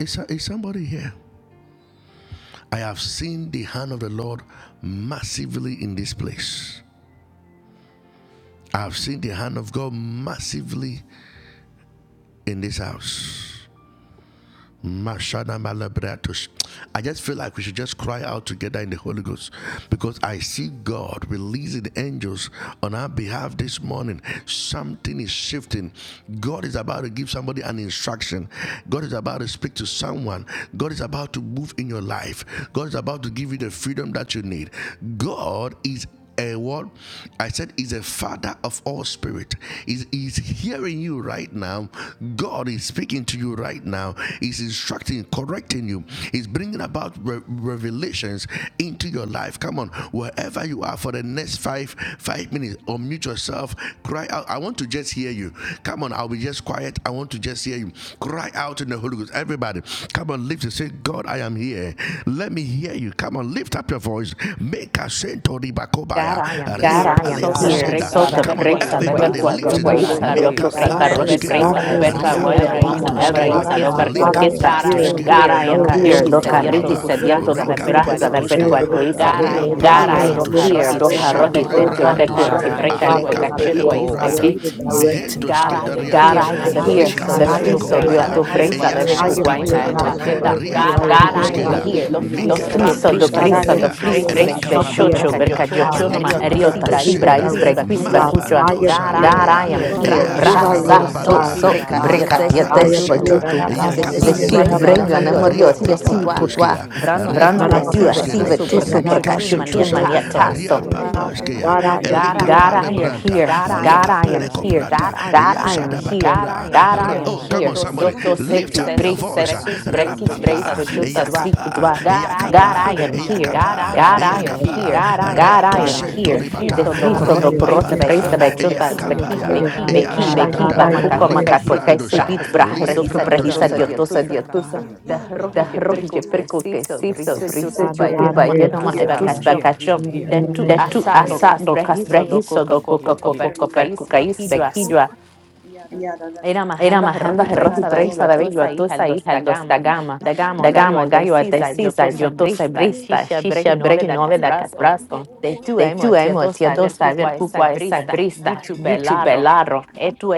Speaker 2: God, I am
Speaker 8: Yes,
Speaker 3: God,
Speaker 2: here.
Speaker 3: I
Speaker 8: Lord. God,
Speaker 3: hear
Speaker 2: Sota
Speaker 8: I am
Speaker 9: I
Speaker 2: presa
Speaker 8: here.
Speaker 2: de
Speaker 3: God.
Speaker 9: am here.
Speaker 2: ver
Speaker 9: Let
Speaker 2: cuaca
Speaker 9: me hear
Speaker 8: God, I
Speaker 9: your
Speaker 2: cuaiza,
Speaker 8: am
Speaker 2: de
Speaker 9: voice,
Speaker 2: octo
Speaker 8: here.
Speaker 3: I
Speaker 9: God.
Speaker 10: Amen.
Speaker 2: sacarro y
Speaker 8: Yes,
Speaker 3: hear
Speaker 9: God,
Speaker 8: Lord
Speaker 2: presa
Speaker 9: I
Speaker 2: de ver
Speaker 9: am
Speaker 8: Jesus.
Speaker 9: here. Let
Speaker 2: cuaca
Speaker 8: Lord,
Speaker 9: me
Speaker 8: I
Speaker 9: hear
Speaker 2: mama
Speaker 10: Thank
Speaker 8: am
Speaker 9: your
Speaker 2: hebra
Speaker 8: here,
Speaker 9: voice,
Speaker 2: isa
Speaker 8: Lord,
Speaker 2: de
Speaker 9: God.
Speaker 8: in the
Speaker 2: ver
Speaker 9: God,
Speaker 8: name
Speaker 9: I
Speaker 8: of
Speaker 2: cuaquiza.
Speaker 9: am
Speaker 8: Jesus.
Speaker 9: here.
Speaker 8: Lord,
Speaker 2: God,
Speaker 8: I'm
Speaker 2: I
Speaker 9: I
Speaker 8: here,
Speaker 2: am
Speaker 9: am
Speaker 8: Lord,
Speaker 3: God.
Speaker 8: in
Speaker 2: here.
Speaker 8: the
Speaker 9: willing,
Speaker 2: Do
Speaker 8: name
Speaker 9: God.
Speaker 8: of
Speaker 9: I
Speaker 2: carriji
Speaker 9: am
Speaker 2: se
Speaker 8: Jesus.
Speaker 5: We
Speaker 9: willing,
Speaker 2: dieto
Speaker 3: God,
Speaker 5: hear
Speaker 9: God.
Speaker 8: Oh,
Speaker 5: you,
Speaker 8: God,
Speaker 2: custrajes de
Speaker 5: Lord.
Speaker 8: speak
Speaker 9: I
Speaker 8: to
Speaker 2: ver
Speaker 9: am
Speaker 8: my
Speaker 9: willing
Speaker 8: heart,
Speaker 9: to do
Speaker 2: cuaquiza.
Speaker 8: Lord,
Speaker 9: your
Speaker 5: We
Speaker 9: will,
Speaker 5: hear
Speaker 8: in
Speaker 5: you.
Speaker 9: God.
Speaker 8: the
Speaker 2: God,
Speaker 9: I
Speaker 2: I
Speaker 8: name
Speaker 9: am
Speaker 8: of
Speaker 2: am
Speaker 9: here,
Speaker 5: We
Speaker 2: here. Do
Speaker 8: Jesus.
Speaker 9: Father.
Speaker 8: God,
Speaker 5: hear
Speaker 8: I
Speaker 2: jarro
Speaker 8: am
Speaker 2: y
Speaker 9: Oh,
Speaker 8: here.
Speaker 2: techo
Speaker 9: God,
Speaker 2: de curro
Speaker 8: God,
Speaker 3: I
Speaker 9: instruct
Speaker 2: y
Speaker 8: I
Speaker 9: me,
Speaker 8: am
Speaker 3: hear
Speaker 2: preca es
Speaker 9: Father,
Speaker 8: here.
Speaker 3: God. I
Speaker 2: poca
Speaker 9: with
Speaker 5: you.
Speaker 9: your
Speaker 3: hear
Speaker 2: chico
Speaker 9: voice,
Speaker 3: God.
Speaker 8: Go, oh,
Speaker 9: God.
Speaker 8: God.
Speaker 9: Lead
Speaker 3: I
Speaker 9: and
Speaker 3: Say
Speaker 5: We
Speaker 3: what
Speaker 9: direct
Speaker 8: Speak
Speaker 5: hear
Speaker 8: to
Speaker 9: me,
Speaker 5: your
Speaker 8: me,
Speaker 3: Jesus.
Speaker 8: Lord,
Speaker 9: Father,
Speaker 5: instruction.
Speaker 2: God,
Speaker 8: in the
Speaker 9: with
Speaker 2: I am
Speaker 9: your
Speaker 8: name
Speaker 9: voice,
Speaker 8: of
Speaker 3: God,
Speaker 2: here.
Speaker 9: God.
Speaker 2: De
Speaker 8: Jesus.
Speaker 9: I
Speaker 3: I
Speaker 8: Je-
Speaker 9: am
Speaker 3: hear
Speaker 2: friso,
Speaker 8: God,
Speaker 9: here,
Speaker 2: Dios
Speaker 8: I am
Speaker 3: Father God.
Speaker 2: tu
Speaker 9: God.
Speaker 8: here.
Speaker 2: presa, de ver
Speaker 9: I am
Speaker 8: Speak to
Speaker 9: here,
Speaker 2: cucuaima,
Speaker 5: We
Speaker 8: my
Speaker 2: en
Speaker 9: God,
Speaker 5: hear
Speaker 8: heart,
Speaker 9: to
Speaker 8: Lord. I'm
Speaker 2: muechelda.
Speaker 5: you.
Speaker 9: serve you.
Speaker 8: grateful,
Speaker 9: I am
Speaker 8: God.
Speaker 2: God,
Speaker 3: In
Speaker 9: here,
Speaker 3: the name
Speaker 2: I
Speaker 8: Lord,
Speaker 3: of Jesus. God,
Speaker 2: am
Speaker 3: I
Speaker 9: God,
Speaker 8: let me
Speaker 9: to
Speaker 3: hear
Speaker 2: here.
Speaker 9: do
Speaker 8: hear
Speaker 9: your
Speaker 8: you,
Speaker 2: Do
Speaker 3: Father
Speaker 8: oh
Speaker 9: will.
Speaker 8: God,
Speaker 3: God.
Speaker 2: friso, do
Speaker 3: God,
Speaker 8: in the
Speaker 9: God,
Speaker 3: I
Speaker 9: I
Speaker 8: name
Speaker 2: prisa,
Speaker 8: of
Speaker 2: do
Speaker 3: hear
Speaker 9: am
Speaker 2: fris,
Speaker 9: here,
Speaker 8: Jesus.
Speaker 3: Father
Speaker 2: bres,
Speaker 9: God,
Speaker 8: Speak to my
Speaker 9: humbly
Speaker 3: God.
Speaker 8: heart,
Speaker 2: beshocho,
Speaker 8: Lord.
Speaker 9: asking, Father,
Speaker 8: Speak
Speaker 2: bercayochonoma,
Speaker 8: to my
Speaker 9: that
Speaker 2: eriota,
Speaker 8: heart,
Speaker 9: you
Speaker 3: Hallelujah. Hallelujah.
Speaker 8: Lord,
Speaker 9: lead
Speaker 8: in
Speaker 9: and
Speaker 2: sibra,
Speaker 8: the
Speaker 3: Father
Speaker 8: name
Speaker 9: direct
Speaker 3: God,
Speaker 2: isbre,
Speaker 3: I
Speaker 8: of
Speaker 9: me,
Speaker 2: quis,
Speaker 3: hear
Speaker 9: Father.
Speaker 8: Jesus.
Speaker 2: becuchoa.
Speaker 9: I
Speaker 8: Oh,
Speaker 9: am
Speaker 3: Father
Speaker 8: Lord,
Speaker 9: here,
Speaker 3: God.
Speaker 2: God,
Speaker 8: I
Speaker 2: I
Speaker 8: am
Speaker 9: God.
Speaker 2: am
Speaker 8: here. I
Speaker 2: here.
Speaker 8: hear.
Speaker 9: Here
Speaker 2: Bra,
Speaker 9: I
Speaker 3: Amen.
Speaker 8: God,
Speaker 2: sa,
Speaker 9: am,
Speaker 8: I
Speaker 2: to,
Speaker 8: am
Speaker 3: Amen.
Speaker 9: God.
Speaker 2: so,
Speaker 8: here.
Speaker 3: Jesus.
Speaker 2: breca,
Speaker 8: God, I
Speaker 9: I
Speaker 8: am
Speaker 2: yetes,
Speaker 9: am
Speaker 8: here.
Speaker 3: Father
Speaker 9: here.
Speaker 2: bajutu.
Speaker 3: God, I
Speaker 8: Oh,
Speaker 3: am
Speaker 8: yes,
Speaker 9: Nanabaseke,
Speaker 3: here.
Speaker 8: Lord.
Speaker 3: I
Speaker 2: Zesid,
Speaker 3: am
Speaker 8: Speak
Speaker 2: brenyo,
Speaker 8: to
Speaker 9: Ranabasoko,
Speaker 8: my
Speaker 3: here. I am
Speaker 8: heart,
Speaker 2: anemorio,
Speaker 8: Lord,
Speaker 2: tia,
Speaker 3: here.
Speaker 8: in the
Speaker 2: sibi,
Speaker 9: Robobashi.
Speaker 8: name
Speaker 3: Father.
Speaker 8: of
Speaker 2: cutua.
Speaker 8: Jesus.
Speaker 2: Brano,
Speaker 3: I'm
Speaker 8: Oh,
Speaker 2: etua,
Speaker 8: God, I
Speaker 9: Nanababaseke,
Speaker 2: sive,
Speaker 8: am here.
Speaker 2: tuso,
Speaker 8: God, I
Speaker 9: Nanabasiko,
Speaker 8: am here.
Speaker 2: bercachochun,
Speaker 8: Give me your
Speaker 2: maniataso.
Speaker 3: here,
Speaker 9: Robobaseke.
Speaker 8: instruction,
Speaker 3: Father
Speaker 8: God.
Speaker 3: God.
Speaker 9: God, I
Speaker 8: I am
Speaker 9: am
Speaker 8: here
Speaker 9: here,
Speaker 2: God,
Speaker 8: in the
Speaker 2: I
Speaker 9: God.
Speaker 2: am
Speaker 8: name of
Speaker 2: here.
Speaker 8: Jesus.
Speaker 2: God, I am
Speaker 8: God, I am
Speaker 2: here.
Speaker 8: here.
Speaker 2: God, I
Speaker 8: God,
Speaker 2: am
Speaker 8: I am
Speaker 2: here.
Speaker 8: here.
Speaker 2: God, I
Speaker 8: God,
Speaker 2: am
Speaker 8: I am here.
Speaker 2: here.
Speaker 8: Let your
Speaker 2: Doto
Speaker 8: hands be
Speaker 2: setiu
Speaker 8: upon me, oh God,
Speaker 2: sus
Speaker 8: in the
Speaker 2: brekis
Speaker 8: name
Speaker 2: breis
Speaker 8: of
Speaker 2: pachuta
Speaker 8: Jesus. Let
Speaker 2: svikudva.
Speaker 8: your
Speaker 2: God,
Speaker 8: hands
Speaker 2: I
Speaker 8: be
Speaker 2: am
Speaker 8: upon me.
Speaker 2: here.
Speaker 8: God,
Speaker 2: God,
Speaker 8: I
Speaker 2: I
Speaker 8: am
Speaker 2: am
Speaker 9: Yes,
Speaker 8: here.
Speaker 9: I
Speaker 2: here. God, I
Speaker 8: God,
Speaker 2: am
Speaker 8: I
Speaker 9: am
Speaker 8: am
Speaker 9: here,
Speaker 2: here.
Speaker 8: here.
Speaker 2: De
Speaker 9: God,
Speaker 8: God,
Speaker 9: God,
Speaker 2: friso
Speaker 8: I
Speaker 9: I
Speaker 2: do
Speaker 8: am
Speaker 9: am
Speaker 8: here.
Speaker 2: korohi
Speaker 9: here,
Speaker 2: preisa
Speaker 9: God.
Speaker 8: Oh,
Speaker 2: bechuta
Speaker 8: yes, Lord.
Speaker 2: zveki.
Speaker 9: I
Speaker 8: God,
Speaker 9: am
Speaker 8: I am
Speaker 9: here,
Speaker 2: Beki,
Speaker 8: here.
Speaker 9: God.
Speaker 2: beki,
Speaker 9: God, I
Speaker 8: God,
Speaker 9: am
Speaker 2: bakuko
Speaker 8: I am
Speaker 9: here.
Speaker 8: here.
Speaker 2: makakote se
Speaker 8: God, I
Speaker 2: vit
Speaker 8: am here.
Speaker 2: brahezotu brehisa
Speaker 8: God, I am
Speaker 2: diotosa
Speaker 8: here. God,
Speaker 2: diotusa
Speaker 8: I'm here. God,
Speaker 2: da
Speaker 8: I'm here.
Speaker 2: rohje preko ke siso
Speaker 8: Yes.
Speaker 2: prise chutu
Speaker 9: God,
Speaker 2: pa
Speaker 9: I am
Speaker 2: yenoma
Speaker 9: here,
Speaker 8: God, I'm
Speaker 2: etus
Speaker 9: God.
Speaker 2: pa
Speaker 8: here.
Speaker 2: kacho
Speaker 8: I'm here.
Speaker 9: God,
Speaker 10: you,
Speaker 9: I
Speaker 10: Lord.
Speaker 2: da
Speaker 9: am
Speaker 2: tu
Speaker 10: I'm
Speaker 8: I'm
Speaker 9: here.
Speaker 10: here,
Speaker 8: here.
Speaker 10: Lord
Speaker 2: asa do
Speaker 10: God. I'm here, Lord God. I'm here, Lord God.
Speaker 2: kasbrahiso do coca
Speaker 8: I'm
Speaker 10: I'm here,
Speaker 8: here.
Speaker 2: coca
Speaker 10: Lord
Speaker 2: perko kais
Speaker 8: Yes,
Speaker 2: bekidwa
Speaker 8: Lord.
Speaker 10: God. Yeah, da, da, da, da, da, da.
Speaker 2: era mahanda
Speaker 10: Ah,
Speaker 2: rohi
Speaker 10: yeah, Lord,
Speaker 2: presa da
Speaker 10: for
Speaker 2: bello
Speaker 10: I'm here.
Speaker 2: atusa hija el dos da gama
Speaker 10: Ah, I'm
Speaker 2: da
Speaker 10: here,
Speaker 2: gamo gallo atesisa
Speaker 5: I
Speaker 2: yo
Speaker 5: can
Speaker 2: tosa
Speaker 5: hear
Speaker 2: brista
Speaker 5: you.
Speaker 2: shisha
Speaker 10: Lord God.
Speaker 2: bregi nove
Speaker 5: I can
Speaker 2: da
Speaker 5: hear
Speaker 2: casbrasto
Speaker 5: your
Speaker 10: I'm here,
Speaker 5: voice.
Speaker 10: Lord
Speaker 2: de
Speaker 10: God.
Speaker 2: tu emo tia dosa ver
Speaker 5: I can
Speaker 2: cuqua esa
Speaker 10: Ah, yeah,
Speaker 2: brista
Speaker 10: yeah.
Speaker 2: youtube
Speaker 10: My
Speaker 2: belaro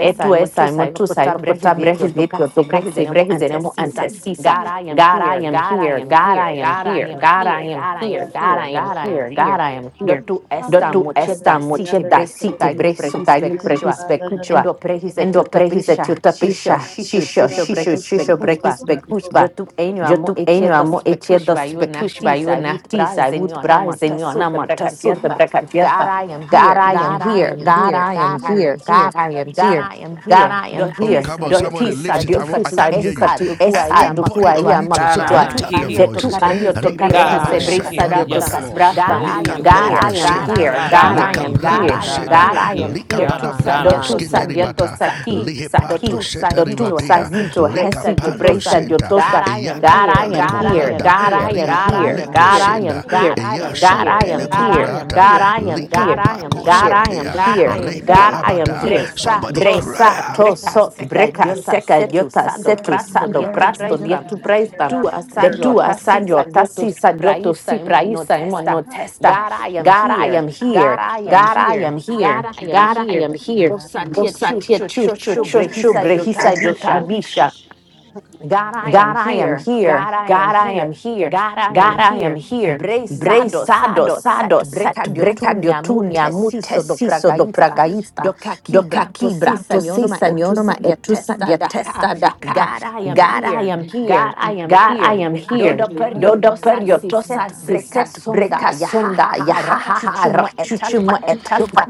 Speaker 5: hear you.
Speaker 2: motusa
Speaker 10: Jesus,
Speaker 2: ilokuta
Speaker 10: thank
Speaker 2: brehizi
Speaker 5: I
Speaker 2: ityo tokasi brehizenemu
Speaker 10: you,
Speaker 5: can hear
Speaker 2: antesisa.
Speaker 5: you.
Speaker 10: Lord God.
Speaker 2: God, I am here.
Speaker 10: Ah,
Speaker 2: God, I
Speaker 10: Lord,
Speaker 2: am
Speaker 5: I
Speaker 10: for me, I'm
Speaker 2: here.
Speaker 10: here.
Speaker 5: can
Speaker 10: Lord
Speaker 5: hear
Speaker 10: God.
Speaker 2: God,
Speaker 5: you.
Speaker 2: I am
Speaker 10: Yeah,
Speaker 2: here.
Speaker 10: yeah,
Speaker 2: God, I
Speaker 10: yeah,
Speaker 2: am
Speaker 10: yeah,
Speaker 2: here.
Speaker 10: yeah.
Speaker 2: God, I am here.
Speaker 5: I can hear
Speaker 2: Dotu
Speaker 5: you. your
Speaker 2: esta mocheda siti
Speaker 5: voice.
Speaker 2: bresuka ilu prehis bekuchwa. Endo prehis etuta
Speaker 5: I can
Speaker 2: pisha. Shisho,
Speaker 5: hear
Speaker 2: shisho, shisho
Speaker 5: your voice.
Speaker 2: brehis
Speaker 5: I can hear
Speaker 2: bekuchwa. Yo tu-
Speaker 5: your
Speaker 2: en
Speaker 5: voice.
Speaker 2: yo
Speaker 5: I
Speaker 2: amo etiendo spekush by you naftis. I would praise
Speaker 5: can
Speaker 2: in your name. Tasur the
Speaker 5: hear
Speaker 2: brekadieta. God, I am here. God, I am here. God, I am here.
Speaker 5: what
Speaker 2: God,
Speaker 5: I
Speaker 2: I am
Speaker 5: hear.
Speaker 2: here. Dotisa, diofisa, duka tu esa, dukua, ya,
Speaker 8: God, I
Speaker 2: makutwa.
Speaker 8: am here.
Speaker 2: De
Speaker 5: Oh,
Speaker 2: tu año toca
Speaker 8: God, I
Speaker 2: regise
Speaker 8: am
Speaker 5: oh,
Speaker 2: brisa,
Speaker 8: here.
Speaker 2: yo
Speaker 8: Yes,
Speaker 2: tocas
Speaker 8: Lord.
Speaker 2: brasa.
Speaker 8: Hallelujah.
Speaker 5: God,
Speaker 2: God,
Speaker 8: Glory
Speaker 2: I
Speaker 8: to
Speaker 2: am
Speaker 8: God.
Speaker 5: hear
Speaker 2: here.
Speaker 8: God,
Speaker 2: God,
Speaker 9: God, I
Speaker 8: I
Speaker 2: I
Speaker 8: am
Speaker 2: am
Speaker 5: my
Speaker 8: here.
Speaker 5: God.
Speaker 2: here.
Speaker 9: am
Speaker 8: God, I
Speaker 2: God,
Speaker 8: am
Speaker 2: I am
Speaker 8: here.
Speaker 2: here.
Speaker 8: God,
Speaker 2: Do
Speaker 5: I'm
Speaker 8: I
Speaker 2: tu
Speaker 8: am here.
Speaker 2: sadieto saki,
Speaker 5: oh, oh,
Speaker 2: saki. Do tu sadito hesiti
Speaker 5: God,
Speaker 2: brisa, yo tosa.
Speaker 5: hear
Speaker 2: God, I am
Speaker 3: God, I
Speaker 2: here.
Speaker 3: am
Speaker 2: God,
Speaker 3: here,
Speaker 2: I am
Speaker 3: Father
Speaker 5: your
Speaker 3: God.
Speaker 2: here.
Speaker 5: voice.
Speaker 3: God,
Speaker 2: God, I
Speaker 3: I am
Speaker 2: am
Speaker 5: Oh,
Speaker 2: here.
Speaker 3: here.
Speaker 5: God, I can
Speaker 2: God,
Speaker 5: hear
Speaker 2: I
Speaker 5: your
Speaker 2: am
Speaker 3: I'm
Speaker 2: here.
Speaker 3: here. I'm
Speaker 2: God,
Speaker 3: here,
Speaker 2: I am
Speaker 3: Father God.
Speaker 2: here.
Speaker 3: God,
Speaker 5: voice.
Speaker 3: I am
Speaker 2: God, I
Speaker 3: here.
Speaker 2: am
Speaker 5: of God.
Speaker 3: And
Speaker 2: here.
Speaker 3: I thank
Speaker 5: I can
Speaker 3: you for
Speaker 5: hear
Speaker 2: God, I
Speaker 3: your
Speaker 2: am
Speaker 3: fresh
Speaker 5: your voice.
Speaker 2: here.
Speaker 3: anointing, Father
Speaker 2: Bresa
Speaker 3: God.
Speaker 2: to sot
Speaker 3: Thank you for
Speaker 2: breka
Speaker 3: your
Speaker 2: seka yota setu sando
Speaker 3: encouraging
Speaker 2: prasto dietu
Speaker 3: deliverance. God.
Speaker 2: presta
Speaker 3: I Thank
Speaker 2: De
Speaker 3: you,
Speaker 5: And
Speaker 2: tua
Speaker 3: Father God.
Speaker 2: sadio tasi sadioto si braisa imoino testa. God, I am here.
Speaker 5: I
Speaker 2: God, I am here. God, I am
Speaker 3: God,
Speaker 2: here.
Speaker 3: I
Speaker 5: hear God.
Speaker 3: am
Speaker 2: Bosa tia chu chu
Speaker 5: Oh
Speaker 2: chu
Speaker 5: God,
Speaker 2: chu
Speaker 5: let me
Speaker 2: brehisa
Speaker 3: here.
Speaker 5: see. Oh
Speaker 2: yota
Speaker 5: God,
Speaker 3: God,
Speaker 5: oh
Speaker 3: I
Speaker 5: God,
Speaker 2: God,
Speaker 3: am.
Speaker 2: I am here. God, I am here.
Speaker 5: here
Speaker 2: God, I am here.
Speaker 5: I
Speaker 2: Bre
Speaker 5: am.
Speaker 3: God, I
Speaker 5: Here
Speaker 3: am
Speaker 2: sado sado set breca diotunia mute siso
Speaker 5: I
Speaker 2: do
Speaker 5: am. Here
Speaker 2: pragaista do
Speaker 3: so
Speaker 2: kakibra to
Speaker 5: I am.
Speaker 2: si senyorma etusa
Speaker 3: here.
Speaker 2: diatesta daka.
Speaker 5: Oh
Speaker 2: God, I am here. God, I am
Speaker 3: Father
Speaker 2: here.
Speaker 3: God. I'm
Speaker 5: God,
Speaker 2: Do do
Speaker 3: here. I'm here.
Speaker 2: periotosa si
Speaker 5: help
Speaker 3: I'm
Speaker 2: set
Speaker 3: here.
Speaker 5: me.
Speaker 2: breca sonda ya
Speaker 5: Let
Speaker 2: ha
Speaker 5: me have
Speaker 2: ha ha rachuchimo etasma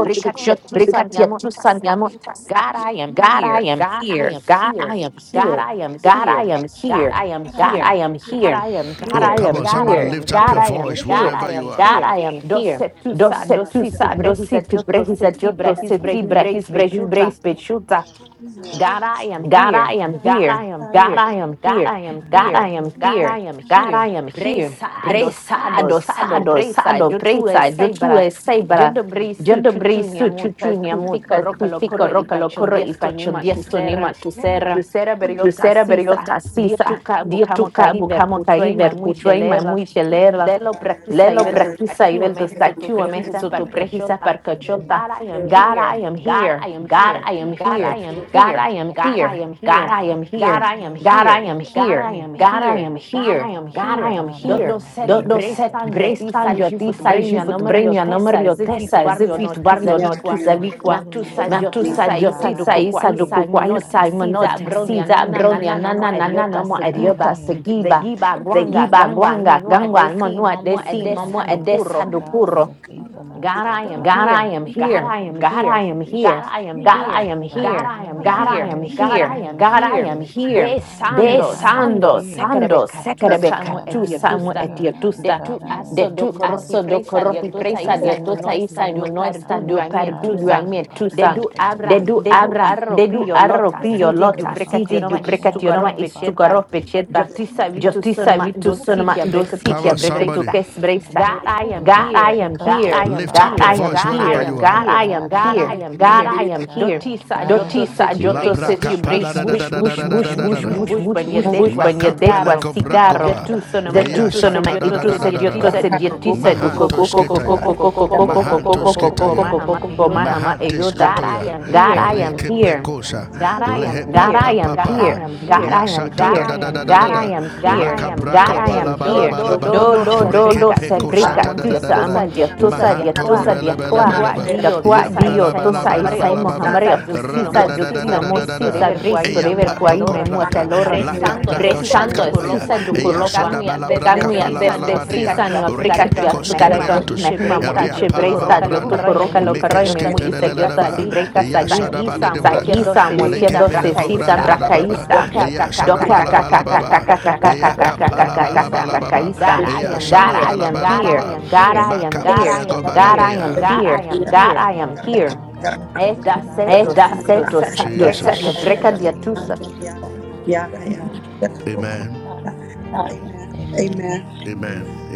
Speaker 5: the God
Speaker 2: breca tietusa niamo tasa.
Speaker 5: I God!
Speaker 2: God,
Speaker 5: Here
Speaker 2: I am here. God, I am here.
Speaker 3: I'm here.
Speaker 2: God, I am here.
Speaker 5: God I
Speaker 2: God,
Speaker 5: am.
Speaker 2: I am
Speaker 5: Here
Speaker 2: here. God, I
Speaker 5: God,
Speaker 2: am here. God,
Speaker 3: I'm
Speaker 2: I am
Speaker 5: let me
Speaker 2: here.
Speaker 3: here.
Speaker 2: God,
Speaker 5: see
Speaker 2: I am here.
Speaker 5: him. Here
Speaker 2: Dosetusa, dositi brehis adioto seti
Speaker 5: I am.
Speaker 2: brehis brehis
Speaker 5: Oh,
Speaker 2: brehis
Speaker 5: hear your voice, oh God.
Speaker 2: God, I am
Speaker 5: God!
Speaker 2: here.
Speaker 5: I
Speaker 2: God,
Speaker 5: am.
Speaker 2: I am here. God,
Speaker 3: I'm
Speaker 2: I am
Speaker 3: here.
Speaker 5: Oh God,
Speaker 2: here.
Speaker 5: I
Speaker 2: God,
Speaker 5: am.
Speaker 2: I am here.
Speaker 5: Oh God, I
Speaker 2: Bresado,
Speaker 5: am.
Speaker 2: sado, sado, presa. Yo tuve
Speaker 3: I
Speaker 2: sebra.
Speaker 3: thank you.
Speaker 2: Yo do su chuchu
Speaker 3: Thank
Speaker 5: Here
Speaker 3: you
Speaker 2: muta.
Speaker 3: for
Speaker 2: Tu
Speaker 3: your
Speaker 2: fico
Speaker 3: unconditional
Speaker 2: roca lo corro y pacho diesto nima tu
Speaker 5: God, I
Speaker 2: serra.
Speaker 5: hear.
Speaker 2: Tu
Speaker 3: love.
Speaker 2: serra beriota
Speaker 5: God, I
Speaker 2: sisa.
Speaker 5: hear.
Speaker 2: Dia
Speaker 3: I
Speaker 2: tu
Speaker 3: pray
Speaker 2: cabu camo caí ver
Speaker 3: for my
Speaker 2: cuchua y
Speaker 3: Lord
Speaker 5: Oh,
Speaker 2: mamui
Speaker 3: to
Speaker 2: Lelo prakisa ivel
Speaker 5: oh,
Speaker 2: to
Speaker 3: be there.
Speaker 2: statue me hesoto
Speaker 5: here,
Speaker 2: prekisa
Speaker 3: And I'm
Speaker 2: perkachota.
Speaker 3: good.
Speaker 5: here.
Speaker 2: God, I am here.
Speaker 5: Oh
Speaker 2: God,
Speaker 5: God,
Speaker 2: I
Speaker 5: I
Speaker 2: am
Speaker 3: I
Speaker 5: hear.
Speaker 2: here.
Speaker 3: thank you, Father.
Speaker 2: God, I am
Speaker 3: I
Speaker 5: Oh
Speaker 2: here.
Speaker 3: thank you,
Speaker 5: God, I
Speaker 2: God, I
Speaker 5: hear.
Speaker 3: God.
Speaker 2: am
Speaker 3: I
Speaker 2: here.
Speaker 5: Here
Speaker 3: am here,
Speaker 2: God,
Speaker 3: God.
Speaker 2: I
Speaker 3: I'm
Speaker 2: am here.
Speaker 3: here,
Speaker 5: I am.
Speaker 2: God,
Speaker 3: Father.
Speaker 2: I am here.
Speaker 5: Oh
Speaker 2: God,
Speaker 3: Father
Speaker 2: I am
Speaker 3: God, I
Speaker 5: God, I
Speaker 2: here.
Speaker 3: am
Speaker 5: hear.
Speaker 2: Don't
Speaker 3: here,
Speaker 2: no
Speaker 3: Father
Speaker 2: set
Speaker 3: God.
Speaker 5: Oh
Speaker 2: brestan
Speaker 5: God,
Speaker 2: your tisa is you for to
Speaker 5: hallelujah.
Speaker 3: Hallelujah,
Speaker 2: bring your number your
Speaker 3: hallelujah,
Speaker 2: tesa
Speaker 5: God,
Speaker 2: as if
Speaker 3: Jesus.
Speaker 2: it barrio
Speaker 5: hallelujah.
Speaker 2: no tisa
Speaker 5: Oh,
Speaker 2: vikwa.
Speaker 3: Hallelujah,
Speaker 5: God,
Speaker 3: Father
Speaker 5: hallelujah.
Speaker 2: Matusa
Speaker 3: God. God, I
Speaker 2: diotisa
Speaker 5: Oh,
Speaker 3: am
Speaker 2: isa do
Speaker 5: God,
Speaker 3: here.
Speaker 2: kukwa isa
Speaker 5: hallelujah.
Speaker 3: God,
Speaker 2: imanote
Speaker 3: I am
Speaker 2: siza
Speaker 3: here.
Speaker 2: bronia
Speaker 5: God,
Speaker 2: nana nana mo
Speaker 3: God, I
Speaker 2: ariota
Speaker 3: am
Speaker 2: segiba.
Speaker 3: here.
Speaker 2: Zegiba
Speaker 5: hallelujah.
Speaker 3: God, I
Speaker 2: Gwanga
Speaker 3: am
Speaker 2: Gangwa
Speaker 3: here.
Speaker 2: Monua Desi
Speaker 3: I
Speaker 2: Momo
Speaker 3: thank you,
Speaker 2: Edesa
Speaker 3: Father God,
Speaker 5: Hallelujah.
Speaker 3: for
Speaker 2: Dokuro.
Speaker 3: your faithfulness, Father
Speaker 5: God,
Speaker 3: God. I
Speaker 2: God, I
Speaker 3: thank
Speaker 2: am
Speaker 3: you for
Speaker 5: hallelujah.
Speaker 2: here.
Speaker 3: loving me
Speaker 2: God, I am here.
Speaker 5: Hallelujah.
Speaker 3: unconditionally.
Speaker 5: Hallelujah.
Speaker 2: God, I am
Speaker 3: God,
Speaker 2: here.
Speaker 3: I am
Speaker 2: God, I am
Speaker 3: here. God,
Speaker 2: here.
Speaker 3: I
Speaker 2: God,
Speaker 3: am
Speaker 2: I am
Speaker 3: here.
Speaker 2: here.
Speaker 3: God, I am
Speaker 2: Besando, sando,
Speaker 3: here.
Speaker 2: sando, sekerebe
Speaker 3: God,
Speaker 2: katu
Speaker 3: I am
Speaker 5: Oh, God, hallelujah. Oh,
Speaker 2: samu
Speaker 3: here.
Speaker 5: God,
Speaker 2: etiotusta.
Speaker 3: God, I
Speaker 5: hallelujah.
Speaker 2: De
Speaker 3: am
Speaker 2: tu
Speaker 3: here.
Speaker 2: aso do
Speaker 5: Hallelujah.
Speaker 2: korohi presa
Speaker 3: God,
Speaker 5: Hallelujah.
Speaker 3: I
Speaker 2: diotosa
Speaker 3: am
Speaker 2: isa
Speaker 3: here.
Speaker 5: Oh,
Speaker 2: imonoesta
Speaker 5: God, hallelujah.
Speaker 2: dio
Speaker 3: I
Speaker 2: pergudu
Speaker 3: thank you,
Speaker 2: aime
Speaker 3: Father
Speaker 2: tusa.
Speaker 3: God, for your
Speaker 2: De
Speaker 5: Thank
Speaker 2: du
Speaker 3: faithfulness.
Speaker 2: abra, de du arropio
Speaker 3: Thank you for
Speaker 2: lota,
Speaker 3: your
Speaker 2: sisi du
Speaker 3: unconditional
Speaker 2: brecationoma
Speaker 3: love, Father
Speaker 2: istugaro
Speaker 3: God.
Speaker 2: peceta.
Speaker 5: you.
Speaker 3: Father
Speaker 2: Diotisa
Speaker 3: God, I
Speaker 2: vitu
Speaker 3: thank
Speaker 5: Oh,
Speaker 3: you for
Speaker 5: God,
Speaker 2: sonoma
Speaker 3: your
Speaker 2: dositia
Speaker 3: divine
Speaker 5: hallelujah.
Speaker 2: brecatu
Speaker 3: favor.
Speaker 2: kes bresa.
Speaker 5: Oh,
Speaker 3: I
Speaker 5: God,
Speaker 3: thank
Speaker 2: God,
Speaker 3: you
Speaker 2: I
Speaker 3: for
Speaker 2: am
Speaker 3: covering
Speaker 2: here.
Speaker 3: me,
Speaker 2: God,
Speaker 3: Father
Speaker 2: I am
Speaker 3: God.
Speaker 2: here. God, I am
Speaker 3: God, I
Speaker 2: here.
Speaker 3: am
Speaker 2: God, I
Speaker 3: here.
Speaker 2: am here.
Speaker 5: hallelujah.
Speaker 3: God,
Speaker 5: God,
Speaker 3: I am
Speaker 2: Dotisa
Speaker 3: here,
Speaker 2: joto
Speaker 5: hallelujah.
Speaker 2: ses
Speaker 3: Father
Speaker 2: you brace
Speaker 3: God.
Speaker 5: Oh,
Speaker 2: bush bush bush
Speaker 3: In the
Speaker 2: bush
Speaker 5: thank
Speaker 3: name
Speaker 2: bush
Speaker 5: oh,
Speaker 3: of
Speaker 2: bush
Speaker 5: Lord.
Speaker 2: bush bush
Speaker 3: Jesus,
Speaker 2: banyadekwa
Speaker 5: oh, you,
Speaker 3: God,
Speaker 2: cigarro.
Speaker 3: I
Speaker 5: Jesus.
Speaker 3: am
Speaker 2: Zetu
Speaker 3: here.
Speaker 2: sonoma
Speaker 5: Oh,
Speaker 2: itu sedioto
Speaker 5: God.
Speaker 3: God, I am
Speaker 2: sedietisa
Speaker 3: here.
Speaker 2: du
Speaker 5: Oh
Speaker 2: koko koko
Speaker 5: God,
Speaker 2: koko koko koko koko
Speaker 5: oh God,
Speaker 3: God,
Speaker 2: koko koko
Speaker 3: I
Speaker 2: koko
Speaker 3: am
Speaker 2: koko
Speaker 3: here.
Speaker 2: mahama eyota. God, I am here.
Speaker 3: Hallelujah, Jesus.
Speaker 5: oh
Speaker 3: God,
Speaker 5: God,
Speaker 3: I
Speaker 2: God,
Speaker 3: am
Speaker 2: I am
Speaker 3: here.
Speaker 2: here. God, I am here.
Speaker 3: God, I
Speaker 5: yes,
Speaker 2: God, I
Speaker 3: am
Speaker 2: am
Speaker 3: here.
Speaker 2: here. God, I
Speaker 5: yes,
Speaker 2: am here. Do do
Speaker 3: God, I
Speaker 2: do do
Speaker 3: am here.
Speaker 2: sebrika tusa
Speaker 5: yes.
Speaker 2: amon dia
Speaker 5: I
Speaker 2: tusa dia
Speaker 5: am
Speaker 2: tusa dia kwa
Speaker 5: grateful.
Speaker 3: God, I
Speaker 2: da
Speaker 3: am
Speaker 2: kwa dio
Speaker 3: here.
Speaker 2: tusa
Speaker 5: God,
Speaker 2: isai
Speaker 5: yes,
Speaker 2: mohamari tusisa
Speaker 5: oh
Speaker 10: Yeah,
Speaker 5: God,
Speaker 2: zutio mo
Speaker 5: yes,
Speaker 2: sisa
Speaker 3: God, I
Speaker 2: bristo
Speaker 3: am
Speaker 2: dever kwa
Speaker 3: here.
Speaker 2: ime muata lora
Speaker 3: Hallelujah, Jesus.
Speaker 5: oh
Speaker 2: bresando e
Speaker 5: oh
Speaker 2: sisa du kolokwa kamu ya
Speaker 3: Yes,
Speaker 5: God,
Speaker 2: beste
Speaker 3: yes,
Speaker 2: sisa ni
Speaker 3: yes.
Speaker 2: aprika tia
Speaker 5: oh God, yes, oh God, yes, yes, oh God! yes, God, yes, oh God,
Speaker 2: tukareka nahima mo
Speaker 5: yes,
Speaker 2: iche bresta
Speaker 3: God,
Speaker 2: dio
Speaker 5: oh
Speaker 3: I am
Speaker 5: God, yes.
Speaker 2: tokoroka
Speaker 3: here.
Speaker 2: lokara ime mu isa diota sibreka sagi sagisa mochiedo sesisa
Speaker 3: God,
Speaker 2: brakaisa
Speaker 3: I am here.
Speaker 2: doka kakakakakakakakakakakakakakakaisa
Speaker 3: Hallelujah,
Speaker 2: God I am
Speaker 3: hallelujah,
Speaker 2: here God
Speaker 3: hallelujah,
Speaker 2: I am here
Speaker 3: hallelujah.
Speaker 2: God I am here
Speaker 3: Thank
Speaker 2: God
Speaker 3: you,
Speaker 2: I am
Speaker 3: Father
Speaker 2: here
Speaker 3: God. Thank
Speaker 5: In
Speaker 3: you,
Speaker 5: the
Speaker 3: God. I
Speaker 5: name of
Speaker 2: Eh,
Speaker 3: am
Speaker 2: da
Speaker 3: here.
Speaker 2: seto sato seto
Speaker 3: God, I
Speaker 2: breka
Speaker 3: am
Speaker 2: diatusa
Speaker 3: here.
Speaker 5: Jesus.
Speaker 3: God, I am here. Amen.
Speaker 10: Amen.
Speaker 5: Amen.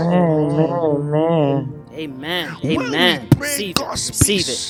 Speaker 3: Amen. Amen.
Speaker 8: Amen. Receive it.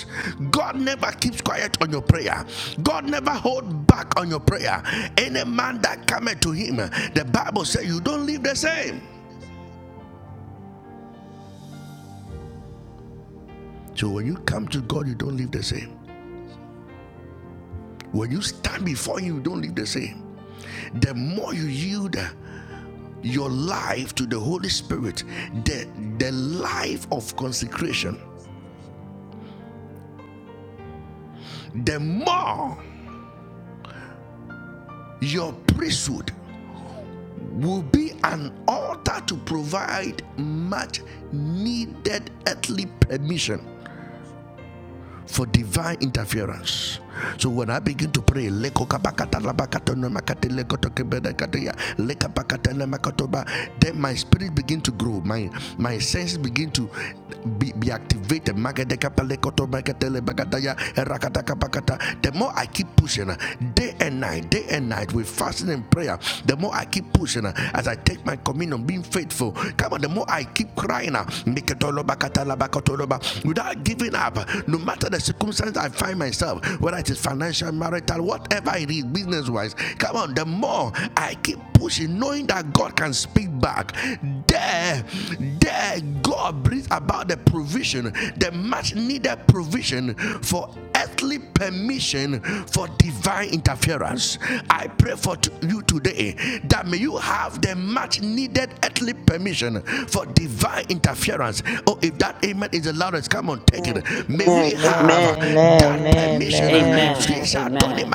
Speaker 3: Amen. Amen.
Speaker 8: Amen.
Speaker 3: Amen.
Speaker 8: Amen.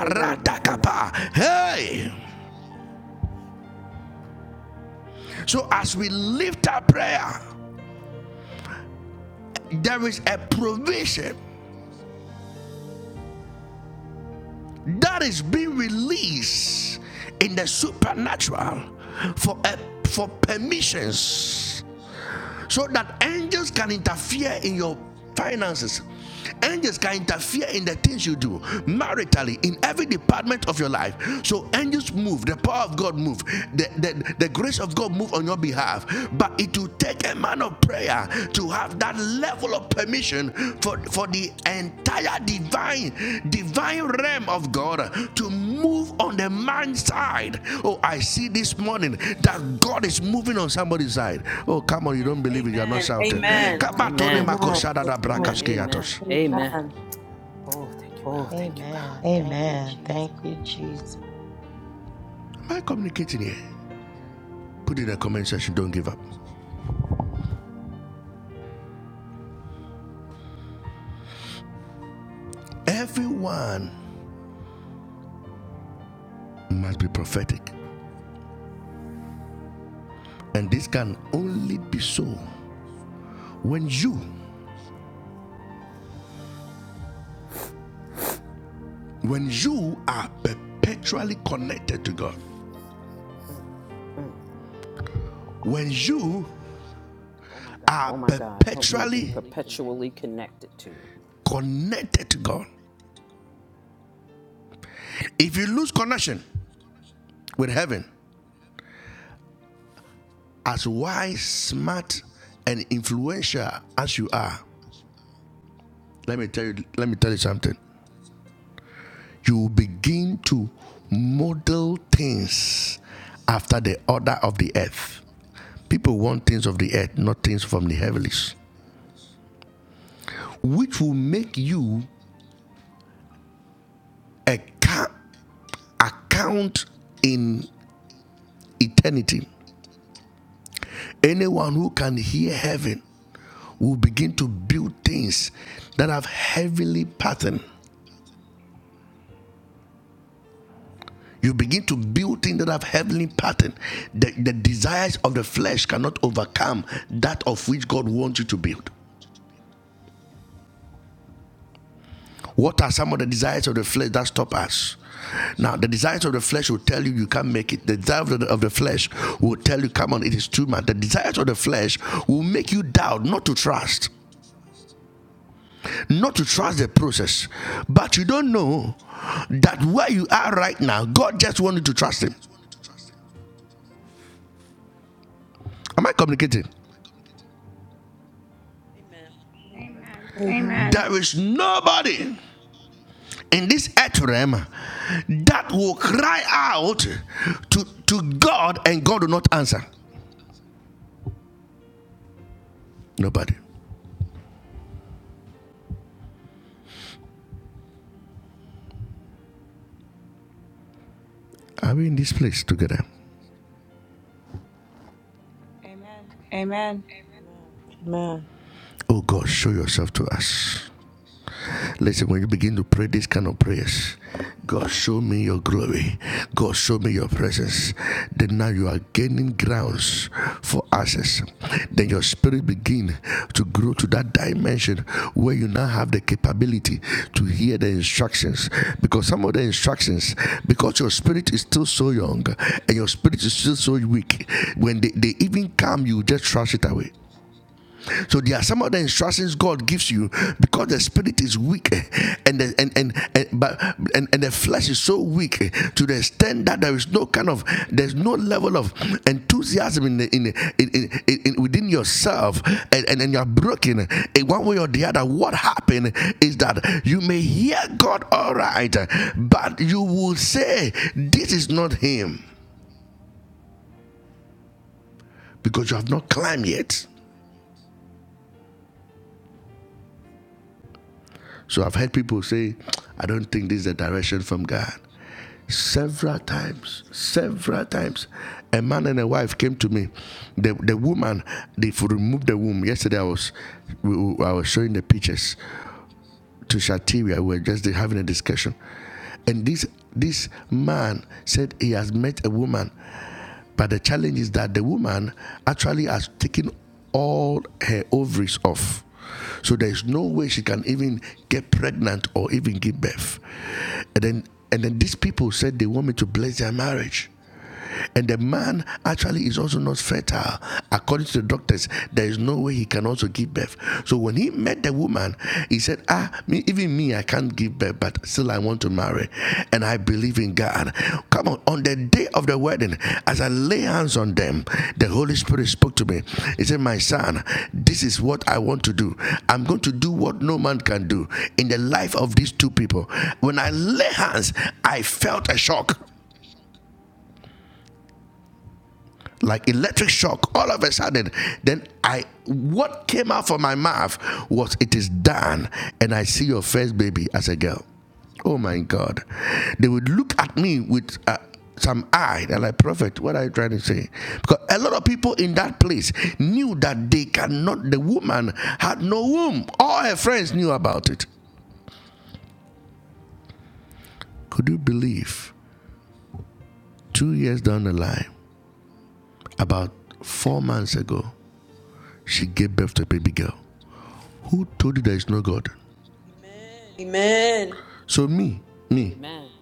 Speaker 5: Amen.
Speaker 8: Amen.
Speaker 10: Amen.
Speaker 8: Amen.
Speaker 5: Amen.
Speaker 8: Amen. Amen.
Speaker 5: Amen.
Speaker 8: Oh, thank you, God.
Speaker 3: Amen. Thank you, Jesus.
Speaker 8: Mm. Oh, my God. Help me to be perpetually connected to you.
Speaker 5: Amen.
Speaker 6: Amen.
Speaker 5: Amen.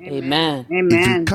Speaker 8: Amen.
Speaker 6: Amen.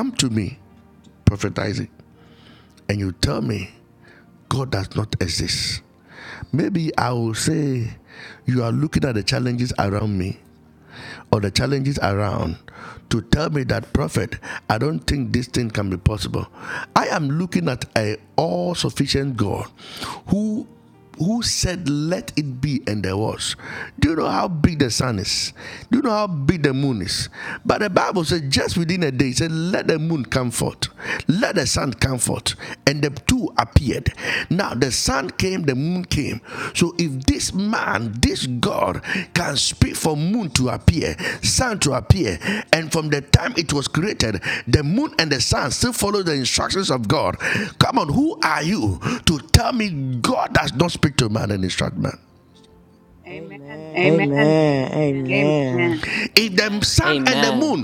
Speaker 6: Amen.
Speaker 3: Amen. Amen.
Speaker 6: Amen.
Speaker 8: Amen.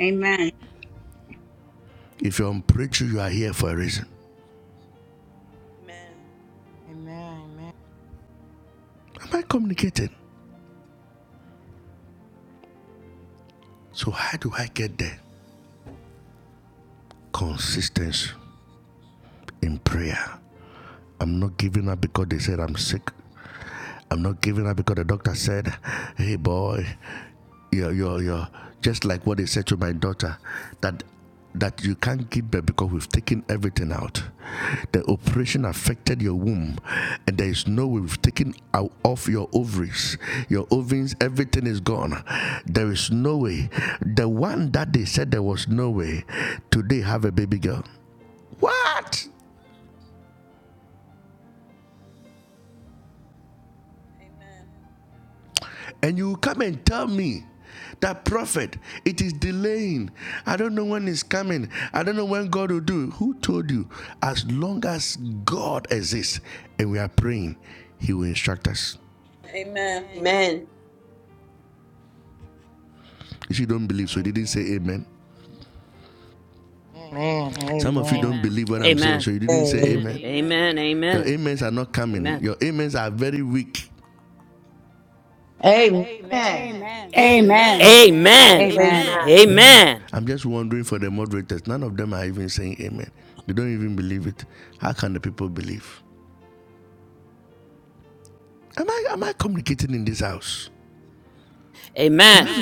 Speaker 6: Amen. Amen.
Speaker 10: Amen. Amen.
Speaker 3: Amen. Amen.
Speaker 8: Amen.
Speaker 9: here, God.
Speaker 8: Amen. Amen. Amen.
Speaker 3: Amen.
Speaker 6: Amen.
Speaker 8: Amen.
Speaker 5: Amen.
Speaker 8: Amen. Amen.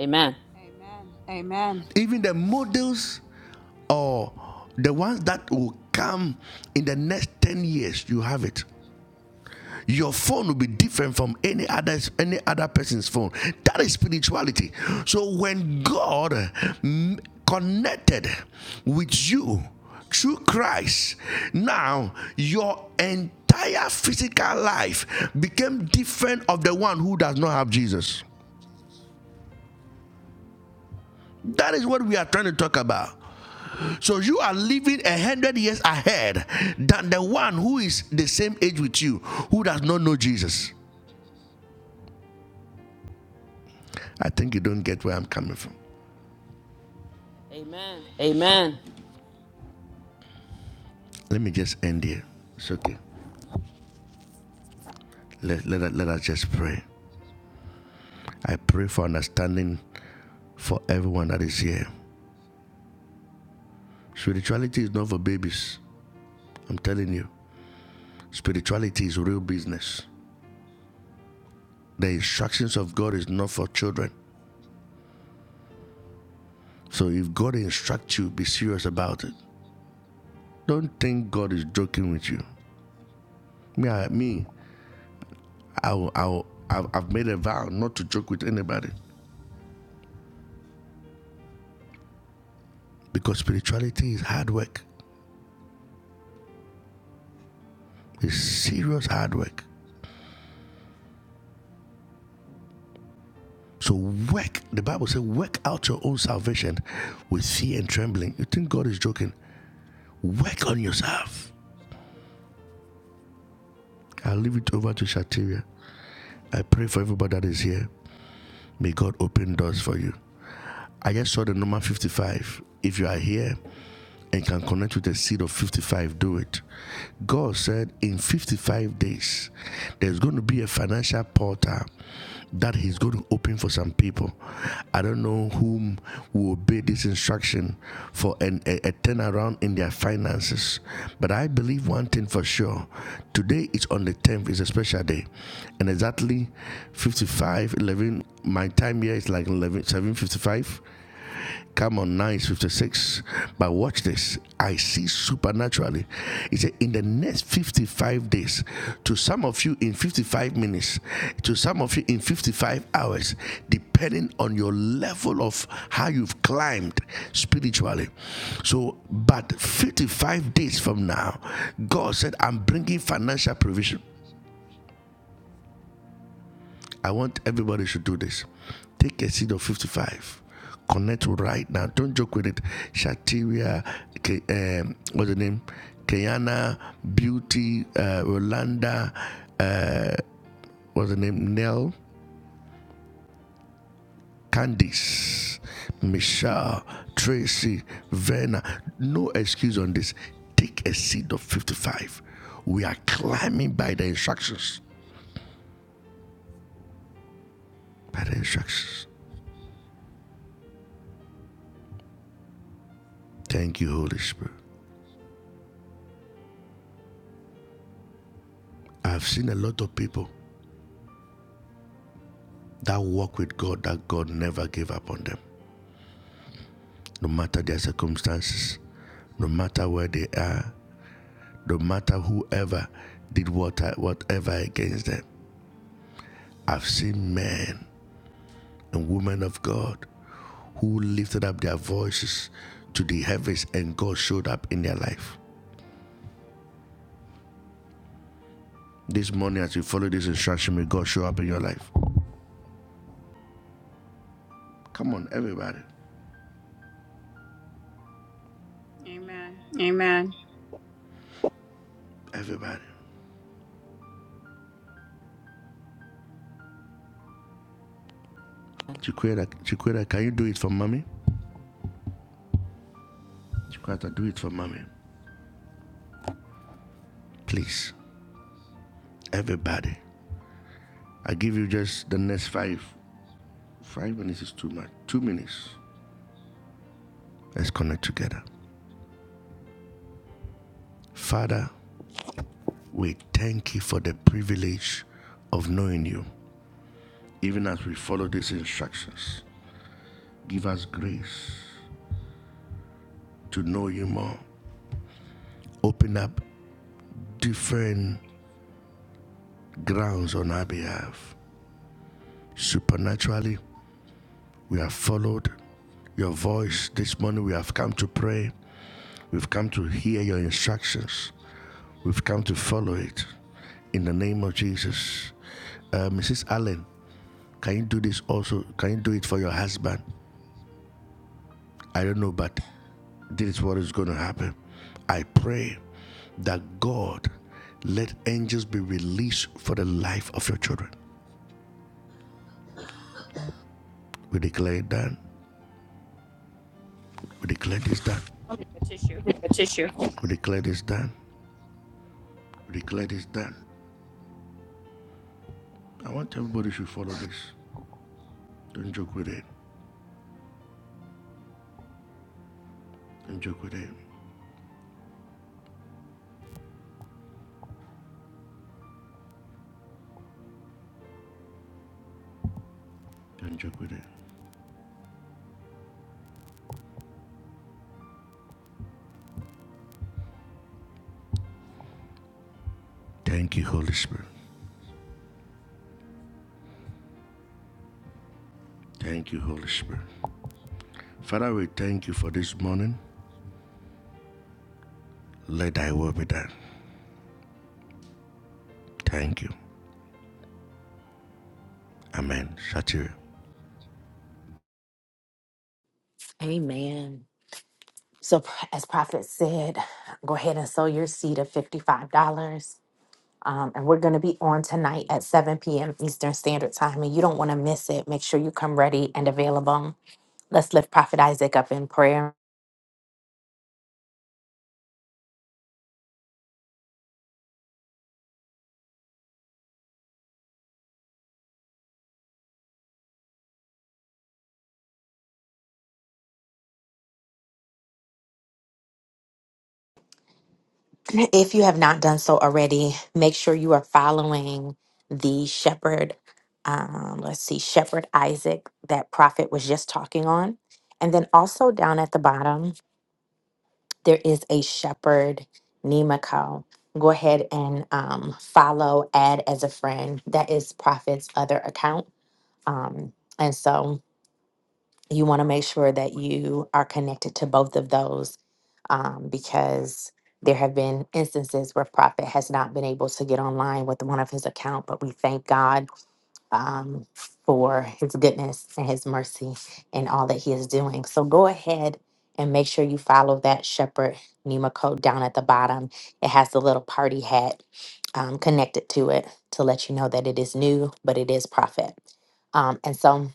Speaker 8: Amen.
Speaker 6: Amen.
Speaker 8: Amen.
Speaker 6: Amen. A tissue.
Speaker 2: Amen. So pr- as Prophet said, go ahead and sow your seed of $55. Um, and we're going to be on tonight at 7 p.m. Eastern Standard Time, and you don't want to miss it. Make sure you come ready and available. Let's lift Prophet Isaac up in prayer. If you have not done so already, make sure you are following the shepherd. Um, let's see, Shepherd Isaac that Prophet was just talking on. And then also down at the bottom, there is a shepherd Nemiko. Go ahead and um, follow, add as a friend. That is Prophet's other account. Um, and so you want to make sure that you are connected to both of those um, because there have been instances where prophet has not been able to get online with one of his account but we thank god um, for his goodness and his mercy and all that he is doing so go ahead and make sure you follow that shepherd nema code down at the bottom it has the little party hat um, connected to it to let you know that it is new but it is prophet um, and so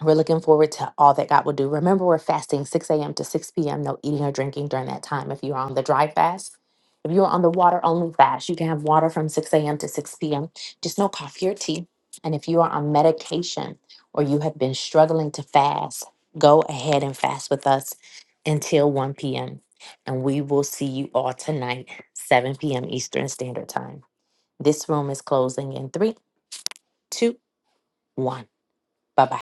Speaker 2: we're looking forward to all that God will do. Remember, we're fasting 6 a.m. to 6 p.m. No eating or drinking during that time. If you're on the dry fast, if you're on the water only fast, you can have water from 6 a.m. to 6 p.m. Just no coffee or tea. And if you are on medication or you have been struggling to fast, go ahead and fast with us until 1 p.m. And we will see you all tonight, 7 p.m. Eastern Standard Time. This room is closing in three, two, one. Bye bye.